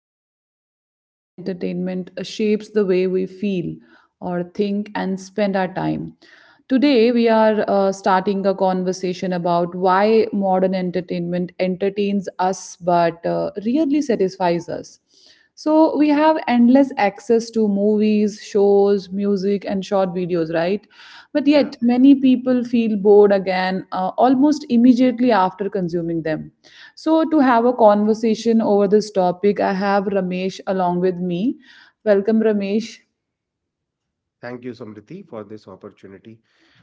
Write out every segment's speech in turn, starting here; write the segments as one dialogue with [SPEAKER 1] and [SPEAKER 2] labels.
[SPEAKER 1] we explore how entertainment shapes the way we feel or think and spend our time. Today, we are starting a conversation about why modern entertainment entertains us but really satisfies us. So we have endless access to movies, shows, music, and short videos, right? But
[SPEAKER 2] Yeah.
[SPEAKER 1] yet, many people feel bored again almost immediately after consuming them. So, to have a conversation over this topic, I have Ramesh along with me. Welcome, Ramesh.
[SPEAKER 2] Thank you, Samriti, for this opportunity.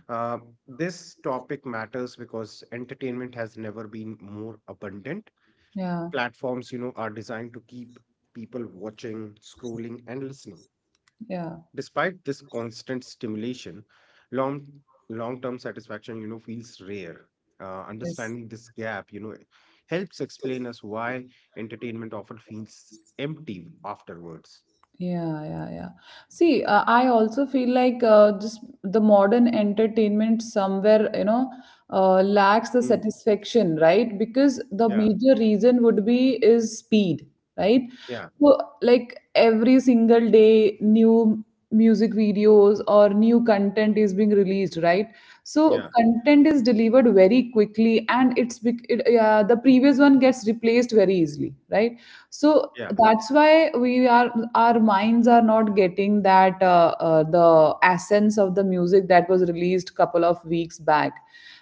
[SPEAKER 2] Uh, this topic matters because entertainment has never been more abundant.
[SPEAKER 1] Yeah,
[SPEAKER 2] Platforms, you know, are designed to keep people watching, scrolling, and listening.
[SPEAKER 1] yeah,
[SPEAKER 2] Despite this constant stimulation, long long-term satisfaction, you know, feels rare.
[SPEAKER 1] yes.
[SPEAKER 2] Understanding this gap, you know, helps explain us why entertainment often feels empty afterwards.
[SPEAKER 1] Yeah, yeah, yeah. See, I also feel like just the modern entertainment somewhere, you know, lacks the
[SPEAKER 2] Mm.
[SPEAKER 1] satisfaction, right? Because the
[SPEAKER 2] Yeah,
[SPEAKER 1] major reason would be is speed, right?
[SPEAKER 2] yeah,
[SPEAKER 1] So, like every single day, new music videos or new content is being released, right? So,
[SPEAKER 2] yeah,
[SPEAKER 1] content is delivered very quickly, and yeah, the previous one gets replaced very easily, right? So
[SPEAKER 2] yeah,
[SPEAKER 1] that's why we are our minds are not getting that the essence of the music that was released couple of weeks back,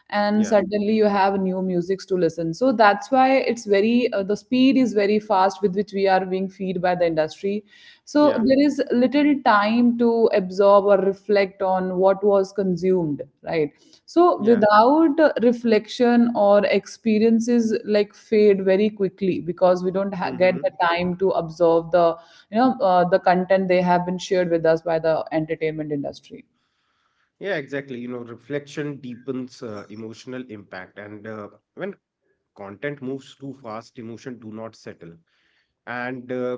[SPEAKER 1] and
[SPEAKER 2] yeah.
[SPEAKER 1] suddenly you have new musics to listen, so that's why it's very the speed is very fast with which we are being fed by the industry. So
[SPEAKER 2] Yeah.
[SPEAKER 1] there is little time to absorb or reflect on what was consumed, right? So
[SPEAKER 2] Yeah.
[SPEAKER 1] without reflection or experiences like fade very quickly because we don't ha- get
[SPEAKER 2] Hmm.
[SPEAKER 1] the time to absorb the, you know, the content they have been shared with us by the entertainment industry.
[SPEAKER 2] Yeah, exactly. You know, reflection deepens emotional impact, and when content moves too fast, emotion do not settle, and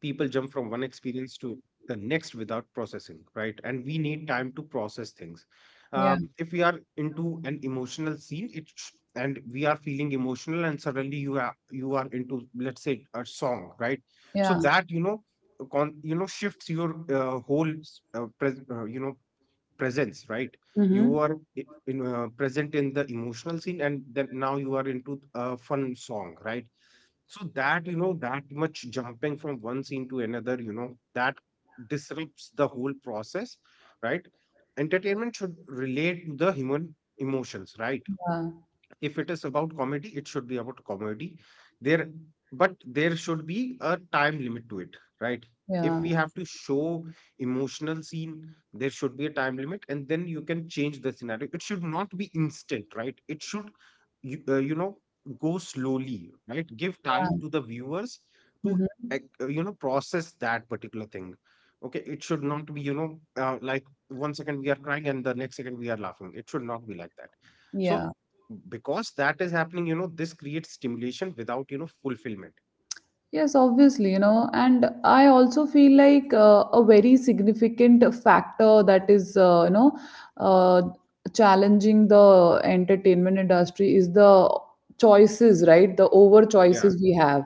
[SPEAKER 2] people jump from one experience to the next without processing, right? And we need time to process things.
[SPEAKER 1] Yeah,
[SPEAKER 2] If we are into an emotional scene, and we are feeling emotional, and suddenly you are into, let's say, a song, right? So
[SPEAKER 1] yeah.
[SPEAKER 2] that, you know, you know, shifts your whole you know, presence, right? You
[SPEAKER 1] Mm-hmm.
[SPEAKER 2] are i- in, present in the emotional scene, and then now you are into a fun song, right? So that, you know, that much jumping from one scene to another, you know, that disrupts the whole process, right? Entertainment should relate to the human emotions, right?
[SPEAKER 1] Yeah,
[SPEAKER 2] If it is about comedy, it should be about comedy there, but there should be a time limit to it, right?
[SPEAKER 1] yeah.
[SPEAKER 2] If we have to show emotional scene, there should be a time limit, and then you can change the scenario. It should not be instant, right? It should you know, go slowly, right? Give time to the viewers to
[SPEAKER 1] Mhm.
[SPEAKER 2] you know, process that particular thing. Okay, it should not be, you know, like one second we are crying and the next second we are laughing. It should not be like that. So
[SPEAKER 1] Yeah.
[SPEAKER 2] because that is happening, you know, this creates stimulation without, you know, fulfillment.
[SPEAKER 1] Yes, obviously, you know, and I also feel like a very significant factor that is, you know, uh, challenging the entertainment industry is the choices, right? The over
[SPEAKER 2] Yeah,
[SPEAKER 1] choices we have.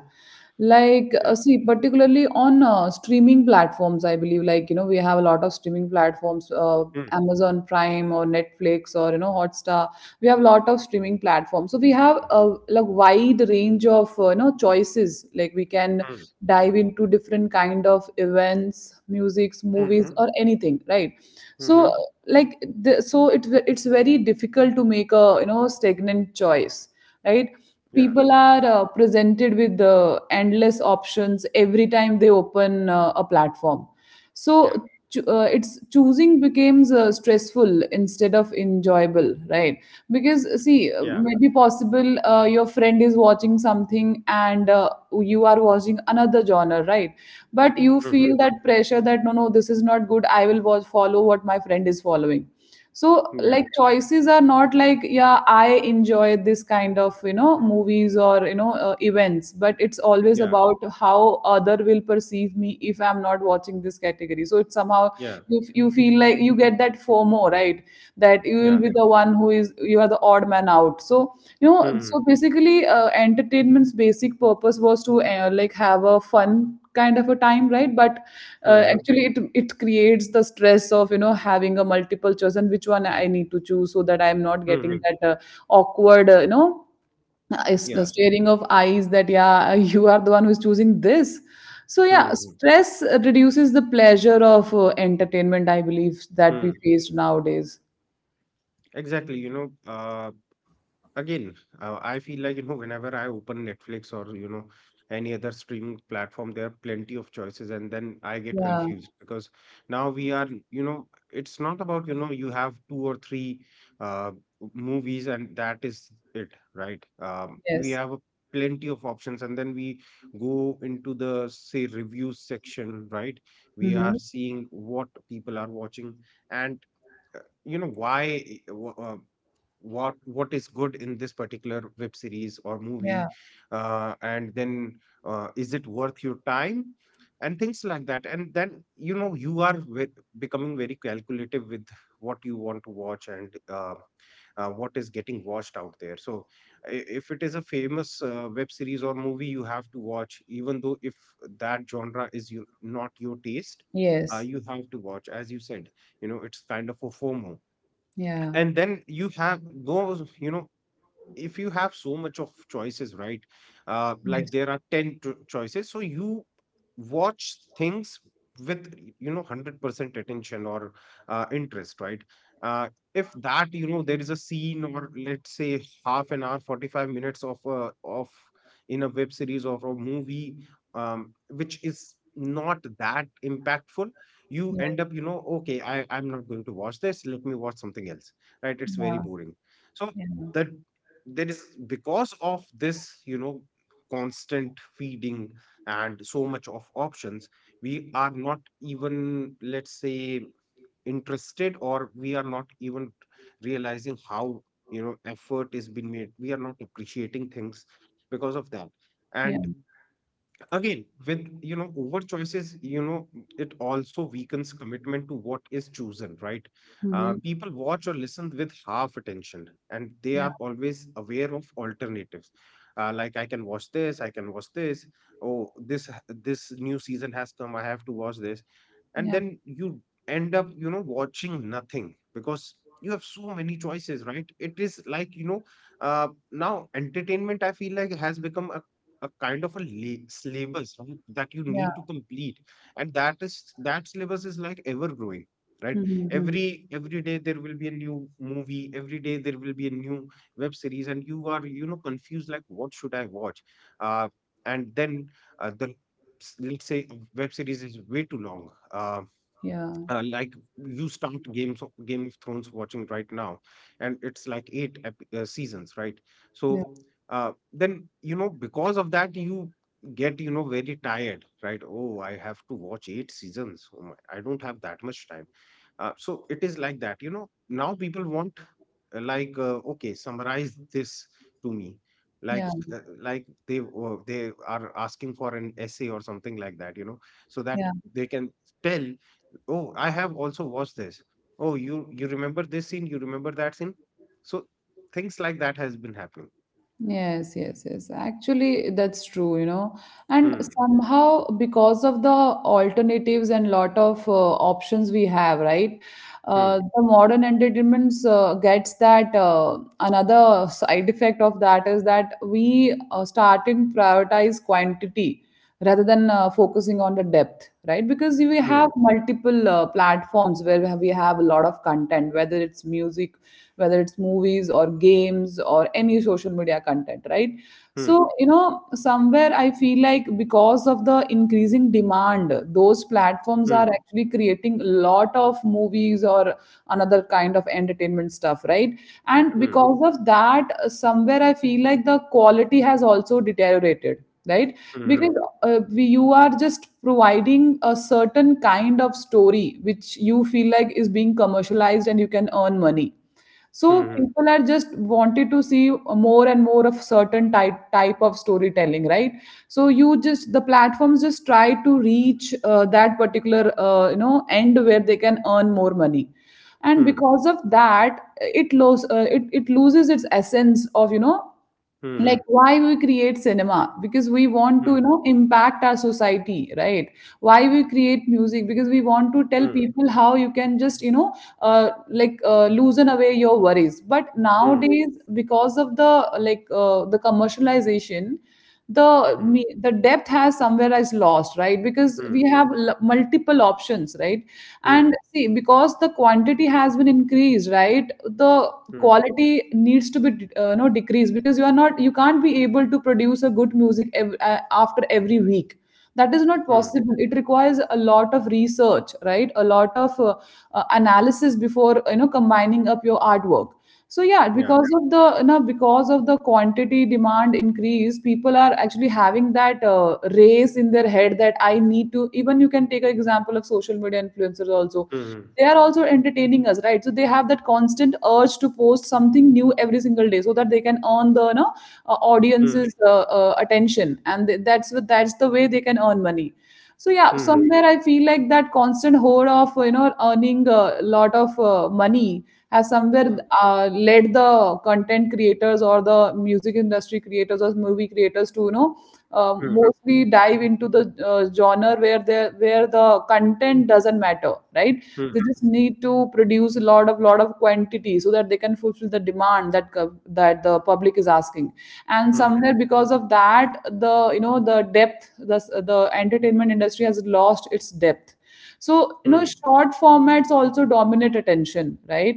[SPEAKER 1] Like,
[SPEAKER 2] yeah.
[SPEAKER 1] see, particularly on streaming platforms, I believe, like, you know, we have a lot of streaming platforms,
[SPEAKER 2] Mm,
[SPEAKER 1] Amazon Prime or Netflix or, you know, Hotstar. We have a lot of streaming platforms, so we have a like wide range of you know, choices like we can
[SPEAKER 2] mm,
[SPEAKER 1] dive into different kind of events, musics, movies,
[SPEAKER 2] mm-hmm,
[SPEAKER 1] or anything, right? So
[SPEAKER 2] mm-hmm.
[SPEAKER 1] like so it's very difficult to make a, you know, stagnant choice, right?
[SPEAKER 2] Yeah,
[SPEAKER 1] People are presented with the endless options every time they open a platform. So
[SPEAKER 2] yeah,
[SPEAKER 1] it's choosing becomes stressful instead of enjoyable, right? Because see,
[SPEAKER 2] yeah.
[SPEAKER 1] maybe possible your friend is watching something and, you are watching another genre, right? But you feel
[SPEAKER 2] Mm-hmm.
[SPEAKER 1] that pressure that no, no, this is not good, I will watch, follow what my friend is following. So
[SPEAKER 2] Yeah,
[SPEAKER 1] like choices are not like, yeah, I enjoy this kind of, you know, movies or you know events, but it's always
[SPEAKER 2] yeah,
[SPEAKER 1] about how other will perceive me if I'm not watching this category, so it's somehow
[SPEAKER 2] yeah,
[SPEAKER 1] you feel like you get that fomo, right? That you will
[SPEAKER 2] yeah.
[SPEAKER 1] be the one who is, you are the odd man out. So, you know,
[SPEAKER 2] Mm-hmm,
[SPEAKER 1] so basically entertainment's basic purpose was to, like have a fun kind of a time, right? But
[SPEAKER 2] mm-hmm,
[SPEAKER 1] actually it creates the stress of, you know, having a multiple choice and which one I need to choose so that I'm not getting
[SPEAKER 2] mm-hmm.
[SPEAKER 1] that awkward you know, the
[SPEAKER 2] Yeah.
[SPEAKER 1] staring of eyes that, yeah, you are the one who's choosing this. So yeah,
[SPEAKER 2] Mm-hmm.
[SPEAKER 1] stress reduces the pleasure of entertainment, I believe, that we
[SPEAKER 2] Mm.
[SPEAKER 1] faced nowadays.
[SPEAKER 2] Exactly. Again, I feel like, you know, whenever I open Netflix or, you know, any other streaming platform, there are plenty of choices, and then I get
[SPEAKER 1] Yeah,
[SPEAKER 2] confused because now we are, you know, it's not about, you know, you have two or three uh, movies and that is it, right? We
[SPEAKER 1] yes.
[SPEAKER 2] have a plenty of options, and then we go into the, say, reviews section, right? We are
[SPEAKER 1] Mm-hmm.
[SPEAKER 2] seeing what people are watching, and you know why, uh, what is good in this particular web series or movie,
[SPEAKER 1] Yeah,
[SPEAKER 2] and then, is it worth your time, and things like that. And then you know you are with becoming very calculative with what you want to watch, and what is getting watched out there. So if it is a famous web series or movie, you have to watch, even though if that genre is not your taste,
[SPEAKER 1] yes.
[SPEAKER 2] you have to watch. As you said, you know, it's kind of a fomo.
[SPEAKER 1] Yeah,
[SPEAKER 2] And then you have those, you know, if you have so much of choices, right? Like,
[SPEAKER 1] yes,
[SPEAKER 2] there are 10 choices, so you watch things with, you know, 100% attention or interest, right? uh, if that, you know, there is a scene, or let's say half an hour, 45 minutes of in a web series or a movie, which is not that impactful, you
[SPEAKER 1] yes.
[SPEAKER 2] end up, you know, okay, I'm not going to watch this, let me watch something else, right? It's very
[SPEAKER 1] Yeah,
[SPEAKER 2] boring. So
[SPEAKER 1] yeah,
[SPEAKER 2] the there is, because of this, you know, constant feeding and so much of options, we are not even, let's say, interested, or we are not even realizing how, you know, effort is being made. We are not appreciating things because of that.
[SPEAKER 1] yeah.
[SPEAKER 2] And again, with, you know, over choices, you know, it also weakens commitment to what is chosen, right?
[SPEAKER 1] Mm-hmm.
[SPEAKER 2] People watch or listen with half attention, and they
[SPEAKER 1] Yeah,
[SPEAKER 2] are always aware of alternatives. Like, I can watch this, I can watch this. Oh, this new season has come, I have to watch this, and
[SPEAKER 1] yeah,
[SPEAKER 2] then you end up, you know, watching nothing because you have so many choices, right? It is like, you know, now entertainment, I feel like, has become a kind of a syllabus, right, that you
[SPEAKER 1] yeah.
[SPEAKER 2] need to complete. And that is, that syllabus is like ever growing, right?
[SPEAKER 1] Mm-hmm.
[SPEAKER 2] Every day there will be a new movie, every day there will be a new web series, and you are, you know, confused like, what should I watch? Uh, and then The let's say a web series is way too long. Um,
[SPEAKER 1] Yeah,
[SPEAKER 2] like, you start game of thrones watching right now, and it's like seasons, right? So
[SPEAKER 1] yeah,
[SPEAKER 2] then, you know, because of that, you get, you know, very tired, right? Oh, I have to watch eight seasons, oh my, I don't have that much time. So it is like that, you know, now people want okay, summarize this to me,
[SPEAKER 1] yeah.
[SPEAKER 2] they are asking for an essay or something like that, you know, so that
[SPEAKER 1] Yeah.
[SPEAKER 2] they can tell, oh, I have also watched this. Oh, you remember this scene? You remember that scene? So things like that has been happening.
[SPEAKER 1] Yes, yes, yes. Actually, that's true, you know. And
[SPEAKER 2] Hmm.
[SPEAKER 1] somehow, because of the alternatives and lot of options we have, right?
[SPEAKER 2] Hmm.
[SPEAKER 1] The modern entertainment gets that, another side effect of that is that we, starting prioritize quantity rather than focusing on the depth, right? Because we have
[SPEAKER 2] Hmm.
[SPEAKER 1] multiple platforms where we have a lot of content, whether it's music, whether it's movies or games or any social media content, right? So
[SPEAKER 2] Hmm.
[SPEAKER 1] you know, somewhere I feel like because of the increasing demand, those platforms are
[SPEAKER 2] Hmm.
[SPEAKER 1] actually creating a lot of movies or another kind of entertainment stuff, right? And
[SPEAKER 2] Hmm.
[SPEAKER 1] because of that, somewhere I feel like the quality has also deteriorated, right?
[SPEAKER 2] Hmm.
[SPEAKER 1] Because you are just providing a certain kind of story which you feel like is being commercialized and you can earn money. So
[SPEAKER 2] Hmm.
[SPEAKER 1] people are just wanted to see more and more of certain type of storytelling, right? So you just, the platforms just try to reach that particular, you know, end where they can earn more money. And
[SPEAKER 2] Hmm.
[SPEAKER 1] because of that it loses its essence of, you know, like
[SPEAKER 2] Hmm.
[SPEAKER 1] why we create cinema, because we want to,
[SPEAKER 2] Hmm.
[SPEAKER 1] you know, impact our society, right? Why we create music, because we want to tell
[SPEAKER 2] Hmm.
[SPEAKER 1] people how you can just, you know, loosen away your worries. But
[SPEAKER 2] Hmm.
[SPEAKER 1] nowadays, because of the like the commercialization,
[SPEAKER 2] Hmm.
[SPEAKER 1] the depth has somewhere is lost, right? Because
[SPEAKER 2] Hmm.
[SPEAKER 1] we have multiple options, right?
[SPEAKER 2] Hmm.
[SPEAKER 1] And see, because the quantity has been increased, right? The
[SPEAKER 2] Hmm.
[SPEAKER 1] quality needs to be, you know, decreased, because you are not, you can't be able to produce a good music after every week. That is not
[SPEAKER 2] Hmm.
[SPEAKER 1] possible. It requires a lot of research, right? A lot of analysis before, you know, combining up your artwork. So yeah,
[SPEAKER 2] Yeah.
[SPEAKER 1] because of the, you know, because of the quantity demand increase, people are actually having that race in their head that I need to, even you can take an example of social media influencers also.
[SPEAKER 2] Hmm.
[SPEAKER 1] They are also entertaining us, right? So they have that constant urge to post something new every single day, so that they can earn the, you know,
[SPEAKER 2] Hmm.
[SPEAKER 1] audience's attention, and that's what, that's the way they can earn money. So yeah,
[SPEAKER 2] Hmm.
[SPEAKER 1] somewhere I feel like that constant hoard of, you know, earning a lot of money has somewhere
[SPEAKER 2] Hmm.
[SPEAKER 1] led the content creators or the music industry creators or movie creators to, you know,
[SPEAKER 2] Hmm.
[SPEAKER 1] mostly dive into the genre where they, where the content doesn't matter, right? They
[SPEAKER 2] Hmm.
[SPEAKER 1] just need to produce a lot of quantity so that they can fulfill the demand that that the public is asking. And
[SPEAKER 2] Hmm.
[SPEAKER 1] somewhere because of that the, you know, the depth, the entertainment industry has lost its depth. So you know,
[SPEAKER 2] Hmm.
[SPEAKER 1] short formats also dominate attention, right?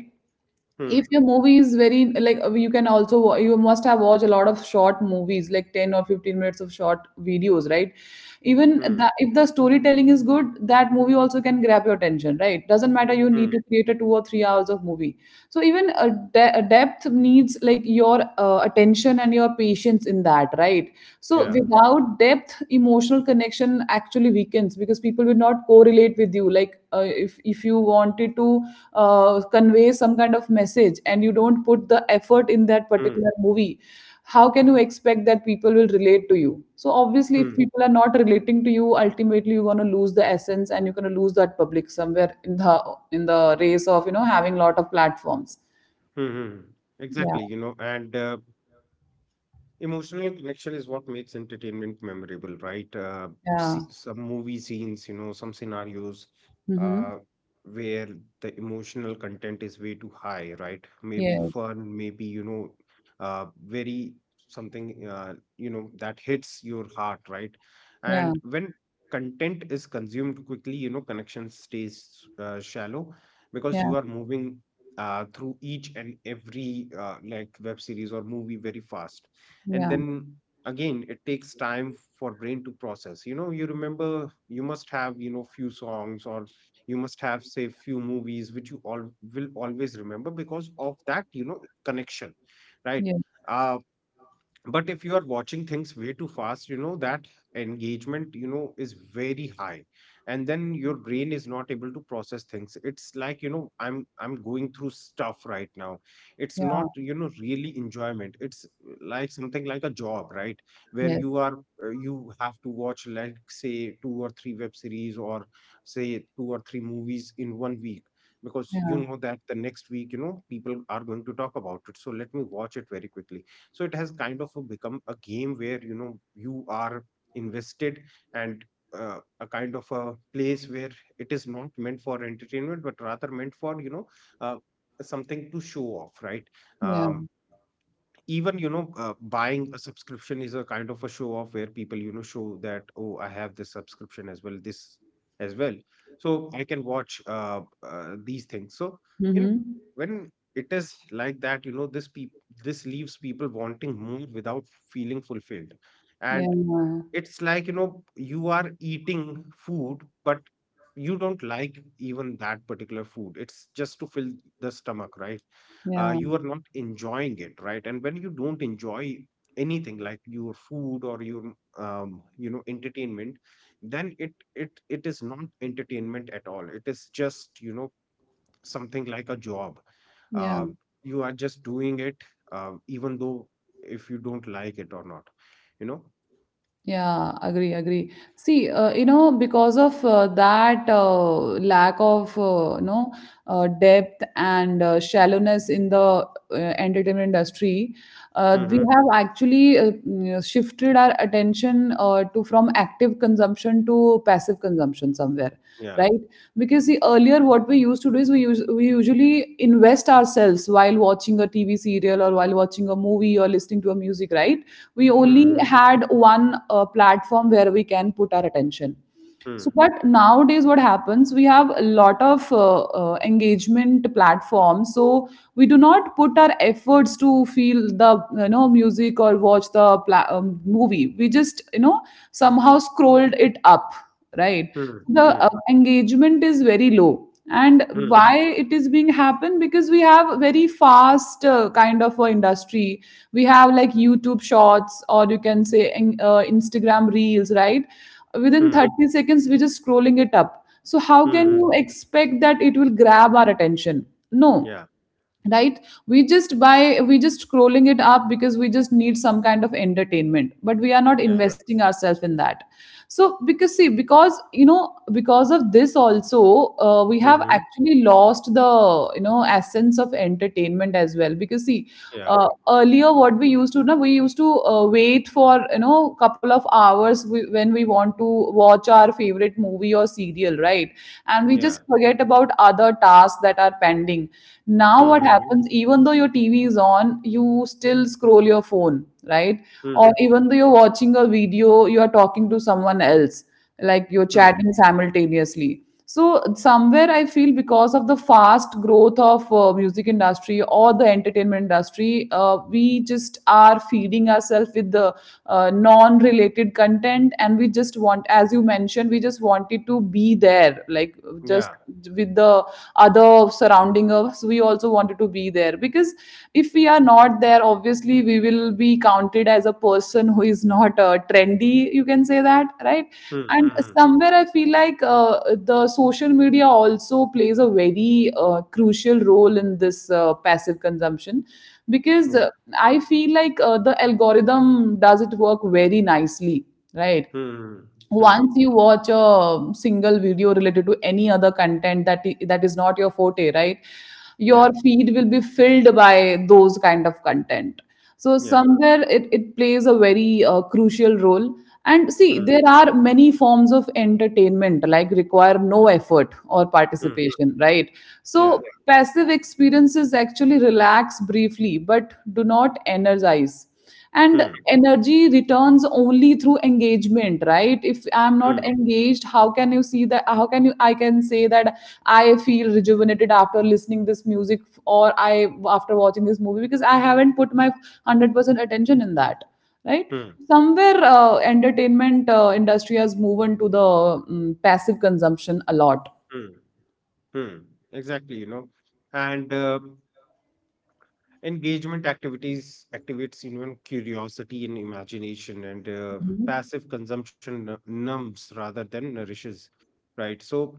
[SPEAKER 1] If
[SPEAKER 2] Hmm.
[SPEAKER 1] your movie is very like, you can also you must have watched a lot of short movies like 10 or 15 minutes of short videos, right?
[SPEAKER 2] Hmm.
[SPEAKER 1] If the storytelling is good, that movie also can grab your attention, right? Doesn't matter you need to
[SPEAKER 2] Hmm.
[SPEAKER 1] create a 2 or 3 hours of movie. So even a depth needs like your attention and your patience in that, right? So
[SPEAKER 2] Yeah.
[SPEAKER 1] without depth, emotional connection actually weakens, because people will not correlate with you. Like, if you wanted to convey some kind of message and you don't put the effort in that
[SPEAKER 2] Hmm.
[SPEAKER 1] particular movie, how can you expect that people will relate to you? So obviously,
[SPEAKER 2] Hmm.
[SPEAKER 1] if
[SPEAKER 2] Hmm.
[SPEAKER 1] people are not relating to you, ultimately you're going to lose the essence, and you're going to lose that public somewhere in the, in the race of, you know, having a lot of platforms.
[SPEAKER 2] Hmm. Hmm.
[SPEAKER 1] Yeah,
[SPEAKER 2] Exactly. You know, and Emotional connection is what makes entertainment memorable, right?
[SPEAKER 1] yeah.
[SPEAKER 2] See, some movie scenes, you know, some scenarios,
[SPEAKER 1] Mm-hmm.
[SPEAKER 2] uh, where the emotional content is way too high, right? Maybe
[SPEAKER 1] Yes.
[SPEAKER 2] fun, maybe, you know, very something, you know, that hits your heart, right?
[SPEAKER 1] Yeah,
[SPEAKER 2] And when content is consumed quickly, you know, connection stays shallow, because
[SPEAKER 1] yeah,
[SPEAKER 2] you are moving through each and every like web series or movie very fast. And
[SPEAKER 1] yeah.
[SPEAKER 2] then again, it takes time for brain to process. You know, you remember, you must have, you know, few songs, or you must have, say, few movies which you all will always remember because of that, you know, connection, right?
[SPEAKER 1] Yes.
[SPEAKER 2] uh but if you are watching things way too fast, you know, that engagement, you know, is very high, and then your brain is not able to process things. It's like, you know, I'm going through stuff right now. It's not,
[SPEAKER 1] Yeah.
[SPEAKER 2] you know, really enjoyment, it's like something like a job, right? Where
[SPEAKER 1] Yes.
[SPEAKER 2] you are, you have to watch, like, say two or three web series, or say two or three movies in one week, because you
[SPEAKER 1] Yeah,
[SPEAKER 2] know that the next week, you know, people are going to talk about it, so let me watch it very quickly. So it has kind of a become a game where, you know, you are invested, and a kind of a place where it is not meant for entertainment, but rather meant for, you know, uh, something to show off, right?
[SPEAKER 1] yeah.
[SPEAKER 2] Um, even, you know, buying a subscription is a kind of a show off, where people, you know, show that, oh, I have this subscription as well, this as well, so I can watch these things. So, you know,
[SPEAKER 1] Mhm.
[SPEAKER 2] when it is like that, you know, this leaves people wanting more without feeling fulfilled.
[SPEAKER 1] Yeah,
[SPEAKER 2] And it's like, you know, you are eating food, but you don't like even that particular food, it's just to fill the stomach, right?
[SPEAKER 1] yeah,
[SPEAKER 2] You are not enjoying it, right? And when you don't enjoy anything, like your food or your you know, entertainment, then it is not entertainment at all, it is just, you know, something like a job.
[SPEAKER 1] yeah,
[SPEAKER 2] uh, you are just doing it, even though if you don't like it or not, you know.
[SPEAKER 1] yeah. Agree, agree. See, you know, because of that, lack of, you know, depth and shallowness in the entertainment industry, we
[SPEAKER 2] Mm-hmm.
[SPEAKER 1] have actually, you know, shifted our attention to from active consumption to passive consumption somewhere. Right. Because see, earlier what we used to do is we usually invest ourselves while watching a TV serial or while watching a movie or listening to a music, right? We only
[SPEAKER 2] Mhm.
[SPEAKER 1] had one platform where we can put our attention.
[SPEAKER 2] Hmm.
[SPEAKER 1] So but nowadays what happens, we have a lot of engagement platforms, so we do not put our efforts to feel the music or watch the movie. We just somehow scrolled it up, right?
[SPEAKER 2] Hmm.
[SPEAKER 1] The
[SPEAKER 2] Hmm.
[SPEAKER 1] engagement is very low, and
[SPEAKER 2] Hmm.
[SPEAKER 1] why it is being happen? Because we have very fast kind of a industry. We have like YouTube Shorts, or you can say Instagram Reels, right? Within
[SPEAKER 2] Hmm.
[SPEAKER 1] 30 seconds we're just scrolling it up, so how can you
[SPEAKER 2] Mhm.
[SPEAKER 1] expect that it will grab our attention? No,
[SPEAKER 2] Yeah.
[SPEAKER 1] right? We just buy we just scrolling it up because we just need some kind of entertainment, but we are not
[SPEAKER 2] Yeah.
[SPEAKER 1] investing ourselves in that. So because see because you know because of this also, we have
[SPEAKER 2] Mhm.
[SPEAKER 1] actually lost the essence of entertainment as well. Because see,
[SPEAKER 2] Yeah.
[SPEAKER 1] earlier what we used to know, we used to wait for couple of hours when we want to watch our favorite movie or serial, right? And we
[SPEAKER 2] Yeah.
[SPEAKER 1] just forget about other tasks that are pending. Now, what
[SPEAKER 2] Mhm.
[SPEAKER 1] happens, even though your TV is on, you still scroll your phone, right?
[SPEAKER 2] Hmm.
[SPEAKER 1] Or even though you're watching a video, you are talking to someone else, like you're
[SPEAKER 2] Hmm.
[SPEAKER 1] chatting simultaneously. So somewhere I feel because of the fast growth of music industry or the entertainment industry, we just are feeding ourselves with the non-related content, and we just want, as you mentioned, we just wanted to be there, like just
[SPEAKER 2] Yeah.
[SPEAKER 1] with the other surrounding us, we also wanted to be there because if we are not there, obviously we will be counted as a person who is not trendy, you can say that, right?
[SPEAKER 2] Hmm.
[SPEAKER 1] And
[SPEAKER 2] Mhm.
[SPEAKER 1] somewhere I feel like the social media also plays a very crucial role in this passive consumption, because
[SPEAKER 2] Yeah.
[SPEAKER 1] I feel like the algorithm does it work very nicely, right?
[SPEAKER 2] Hmm. Hmm.
[SPEAKER 1] Once you watch a single video related to any other content that is not your forte, right? Your
[SPEAKER 2] Yeah.
[SPEAKER 1] feed will be filled by those kind of content. So
[SPEAKER 2] Yeah.
[SPEAKER 1] somewhere it plays a very crucial role. And see,
[SPEAKER 2] Hmm.
[SPEAKER 1] there are many forms of entertainment like require no effort or
[SPEAKER 2] Hmm.
[SPEAKER 1] participation, right? So
[SPEAKER 2] Yeah.
[SPEAKER 1] passive experiences actually relax briefly but do not energize, and
[SPEAKER 2] Hmm.
[SPEAKER 1] energy returns only through engagement, right? If I'm not
[SPEAKER 2] Hmm.
[SPEAKER 1] engaged, how can you see that, how can you I can say that I feel rejuvenated after listening this music, or I after watching this movie, because I haven't put my 100% attention in that, right?
[SPEAKER 2] Hmm.
[SPEAKER 1] Somewhere entertainment industry has moved into the passive consumption a lot.
[SPEAKER 2] Hmm. Hmm. Exactly, you know. And Engagement activities activates, you know, curiosity and imagination, and
[SPEAKER 1] Mhm.
[SPEAKER 2] passive consumption numbs rather than nourishes, right? So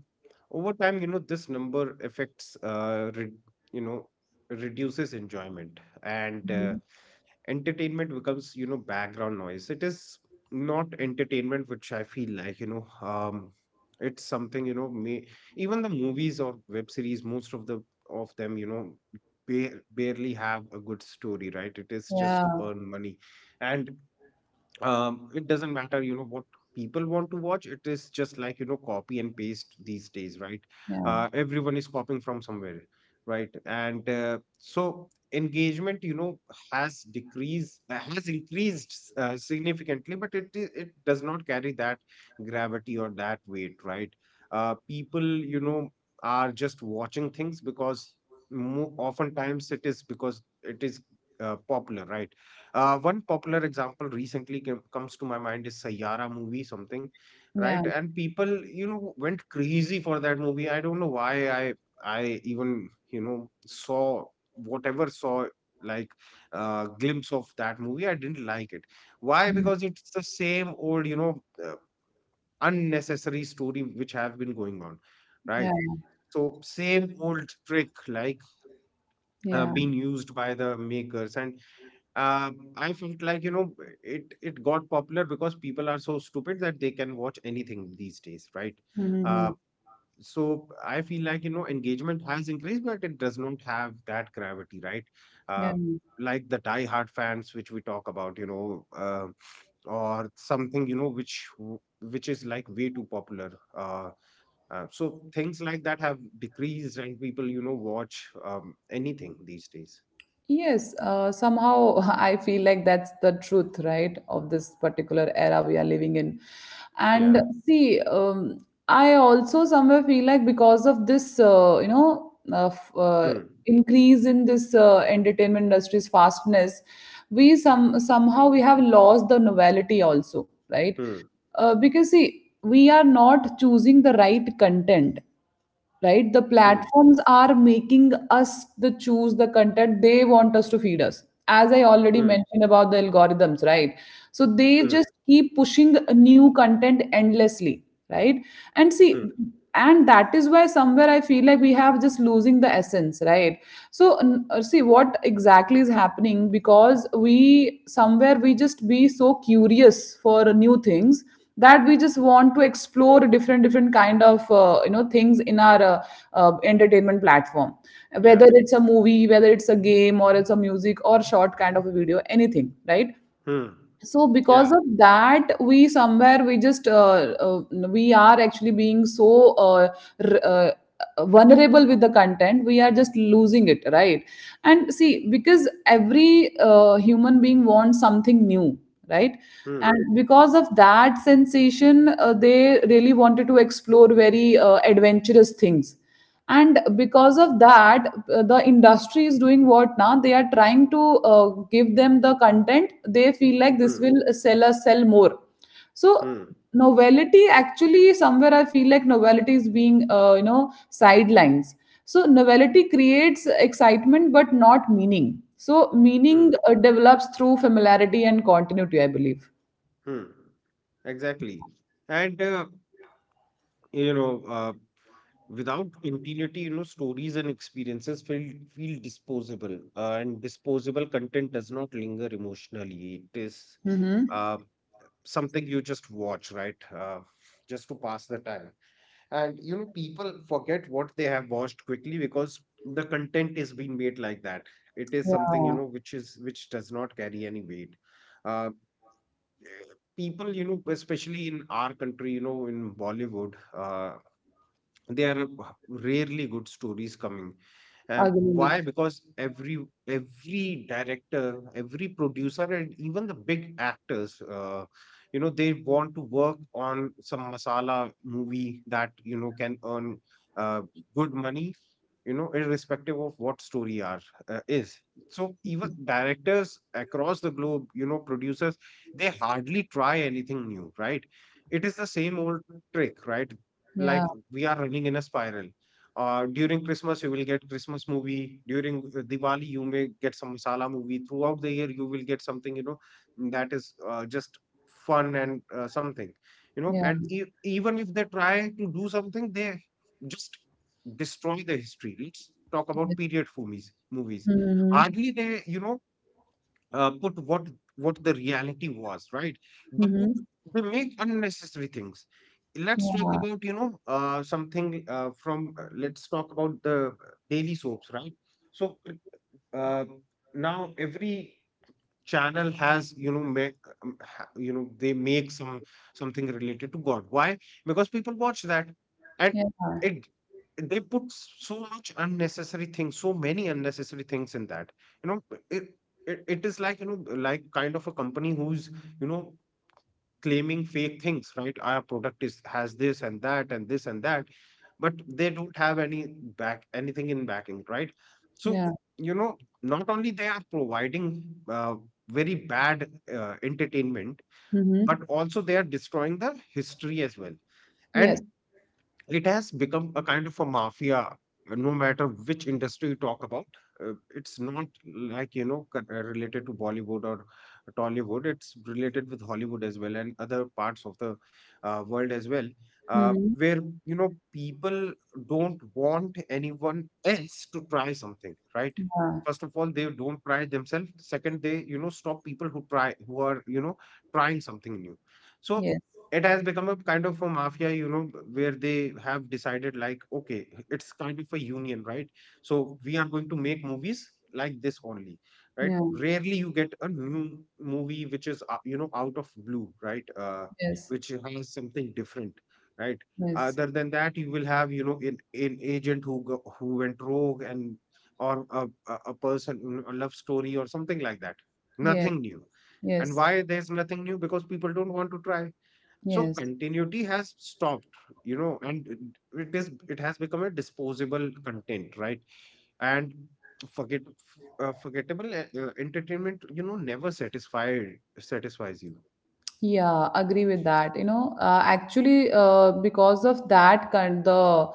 [SPEAKER 2] over time, you know, this number affects, you know, reduces enjoyment, and
[SPEAKER 1] Mhm.
[SPEAKER 2] entertainment becomes, you know, background noise. It is not entertainment, which I feel like, you know, it's something, you know, may even the movies or web series, most of the of them, you know, barely have a good story, right? It is
[SPEAKER 1] Yeah,
[SPEAKER 2] just to earn money, and it doesn't matter, what people want to watch. It is just like, copy and paste these days, right?
[SPEAKER 1] yeah,
[SPEAKER 2] Everyone is copying from somewhere, right? And so engagement, has decreased, has increased significantly, but it does not carry that gravity or that weight, right? People, you know are just watching things because oftentimes it is because it is popular, right? One popular example recently comes to my mind is Sayyara movie, something,
[SPEAKER 1] yeah.
[SPEAKER 2] right? And people, went crazy for that movie. I don't know why I even, saw whatever, saw, like, glimpse of that movie. I didn't like it. Why?
[SPEAKER 1] Mhm.
[SPEAKER 2] Because it's the same old, unnecessary story which have been going on,
[SPEAKER 1] Yeah,
[SPEAKER 2] right? So same old trick, like,
[SPEAKER 1] yeah.
[SPEAKER 2] being used by the makers. And I felt like, it got popular because people are so stupid that they can watch anything these days, right? Uh,
[SPEAKER 1] Mhm.
[SPEAKER 2] so I feel like, engagement has increased, but it does not have that gravity, right?
[SPEAKER 1] Yeah.
[SPEAKER 2] Uh, like the die-hard fans, which we talk about, or something, which is like way too popular. So things like that have decreased, and people, watch anything these days.
[SPEAKER 1] Yes, somehow I feel like that's the truth, right, of this particular era we are living in. And
[SPEAKER 2] Yeah.
[SPEAKER 1] see, I also somewhere feel like because of this,
[SPEAKER 2] Hmm.
[SPEAKER 1] increase in this entertainment industry's fastness, we somehow we have lost the novelty also, right?
[SPEAKER 2] Hmm.
[SPEAKER 1] Because see, we are not choosing the right content. Right, the
[SPEAKER 2] Hmm.
[SPEAKER 1] platforms are making us the choose the content they want us to feed us, as I already
[SPEAKER 2] Hmm.
[SPEAKER 1] mentioned about the algorithms, right? So they
[SPEAKER 2] Mm,
[SPEAKER 1] just keep pushing new content endlessly, right? And see,
[SPEAKER 2] mm,
[SPEAKER 1] and that is why somewhere I feel like we have just losing the essence, right? So see what exactly is happening, because we just be so curious for new things that we just want to explore different different kind of things in our entertainment platform,
[SPEAKER 2] yeah.
[SPEAKER 1] whether it's a movie, whether it's a game, or it's a music or short kind of a video, anything, right?
[SPEAKER 2] Mm,
[SPEAKER 1] So because
[SPEAKER 2] yeah.
[SPEAKER 1] of that we just we are actually being so r- uh, vulnerable with the content, we are just losing it, right? And see, because every human being wants something new, right?
[SPEAKER 2] Mm,
[SPEAKER 1] And because of that sensation, they really wanted to explore very adventurous things. And because of that, the industry is doing what, now they are trying to give them the content they feel like this
[SPEAKER 2] mm,
[SPEAKER 1] will sell more. So
[SPEAKER 2] mm,
[SPEAKER 1] novelty actually somewhere I feel like novelty is being sidelines. So novelty creates excitement but not meaning. So meaning
[SPEAKER 2] mm,
[SPEAKER 1] develops through familiarity and continuity, I believe.
[SPEAKER 2] mm. Exactly. And, you know, uh, without continuity, stories and experiences feel disposable, and disposable content does not linger emotionally. It is
[SPEAKER 1] Mm-hmm.
[SPEAKER 2] uh, something you just watch, right? Just to pass the time. And people forget what they have watched quickly, because the content is being made like that. It is something,
[SPEAKER 1] Yeah.
[SPEAKER 2] which does not carry any weight. uh, people, especially in our country, in Bollywood, there are rarely good stories coming. Why?
[SPEAKER 1] Agreed.
[SPEAKER 2] Because every director, every producer, and even the big actors, they want to work on some masala movie that, can earn uh, good money, irrespective of what story are is. So even directors across the globe, producers, they hardly try anything new, right? It is the same old trick, right?
[SPEAKER 1] Yeah.
[SPEAKER 2] Like we are running in a spiral. During Christmas you will get Christmas movie, during Diwali you may get some masala movie, throughout the year you will get something, that is just fun and something,
[SPEAKER 1] Yeah.
[SPEAKER 2] and even if they try to do something, they just destroy the history. Let's talk about
[SPEAKER 1] Yes.
[SPEAKER 2] period movies. Movies,
[SPEAKER 1] Mm-hmm.
[SPEAKER 2] hardly they, put what the reality was, right? They put,
[SPEAKER 1] Mm-hmm.
[SPEAKER 2] they make unnecessary things. Let's talk
[SPEAKER 1] Yeah.
[SPEAKER 2] about, something, from let's talk about the daily soaps, right? So, uh, now every channel has, make, they make some something related to God. Why? Because people watch that. And
[SPEAKER 1] Yeah,
[SPEAKER 2] it they put so much unnecessary things, so many unnecessary things in that, you know it it is like, like kind of a company who's, you know claiming fake things, right? Our product is has this and that and this and that, but they don't have anything in backing, right? So,
[SPEAKER 1] yeah.
[SPEAKER 2] you know, not only they are providing uh, very bad entertainment,
[SPEAKER 1] Mm-hmm.
[SPEAKER 2] but also they are destroying the history as well.
[SPEAKER 1] Yes.
[SPEAKER 2] And it has become a kind of a mafia, no matter which industry you talk about. It's not like, related to Bollywood or Tollywood. It's related with Hollywood as well, and other parts of the world as well, uh,
[SPEAKER 1] Mm-hmm.
[SPEAKER 2] where people don't want anyone else to try something, right?
[SPEAKER 1] Yeah.
[SPEAKER 2] First of all they don't try themselves, second they, stop people who try, who are, trying something new. So
[SPEAKER 1] Yes.
[SPEAKER 2] it has become a kind of a mafia, where they have decided, like, okay, it's kind of a union, right? So we are going to make movies like this only, right?
[SPEAKER 1] Yeah.
[SPEAKER 2] Rarely you get a new movie which is, out of blue, right?
[SPEAKER 1] Yes.
[SPEAKER 2] Which has something different, right?
[SPEAKER 1] Yes.
[SPEAKER 2] Other than that you will have, an agent who went rogue, and or a person, a love story or something like that.
[SPEAKER 1] Yes.
[SPEAKER 2] Nothing new. And
[SPEAKER 1] Yes.
[SPEAKER 2] why there's nothing new? Because people don't want to try. So
[SPEAKER 1] Yes.
[SPEAKER 2] continuity has stopped, and it has become a disposable content, right? And forget forgettable entertainment, never satisfied satisfies you.
[SPEAKER 1] Yeah, agree with that. You know, actually, because of that kind the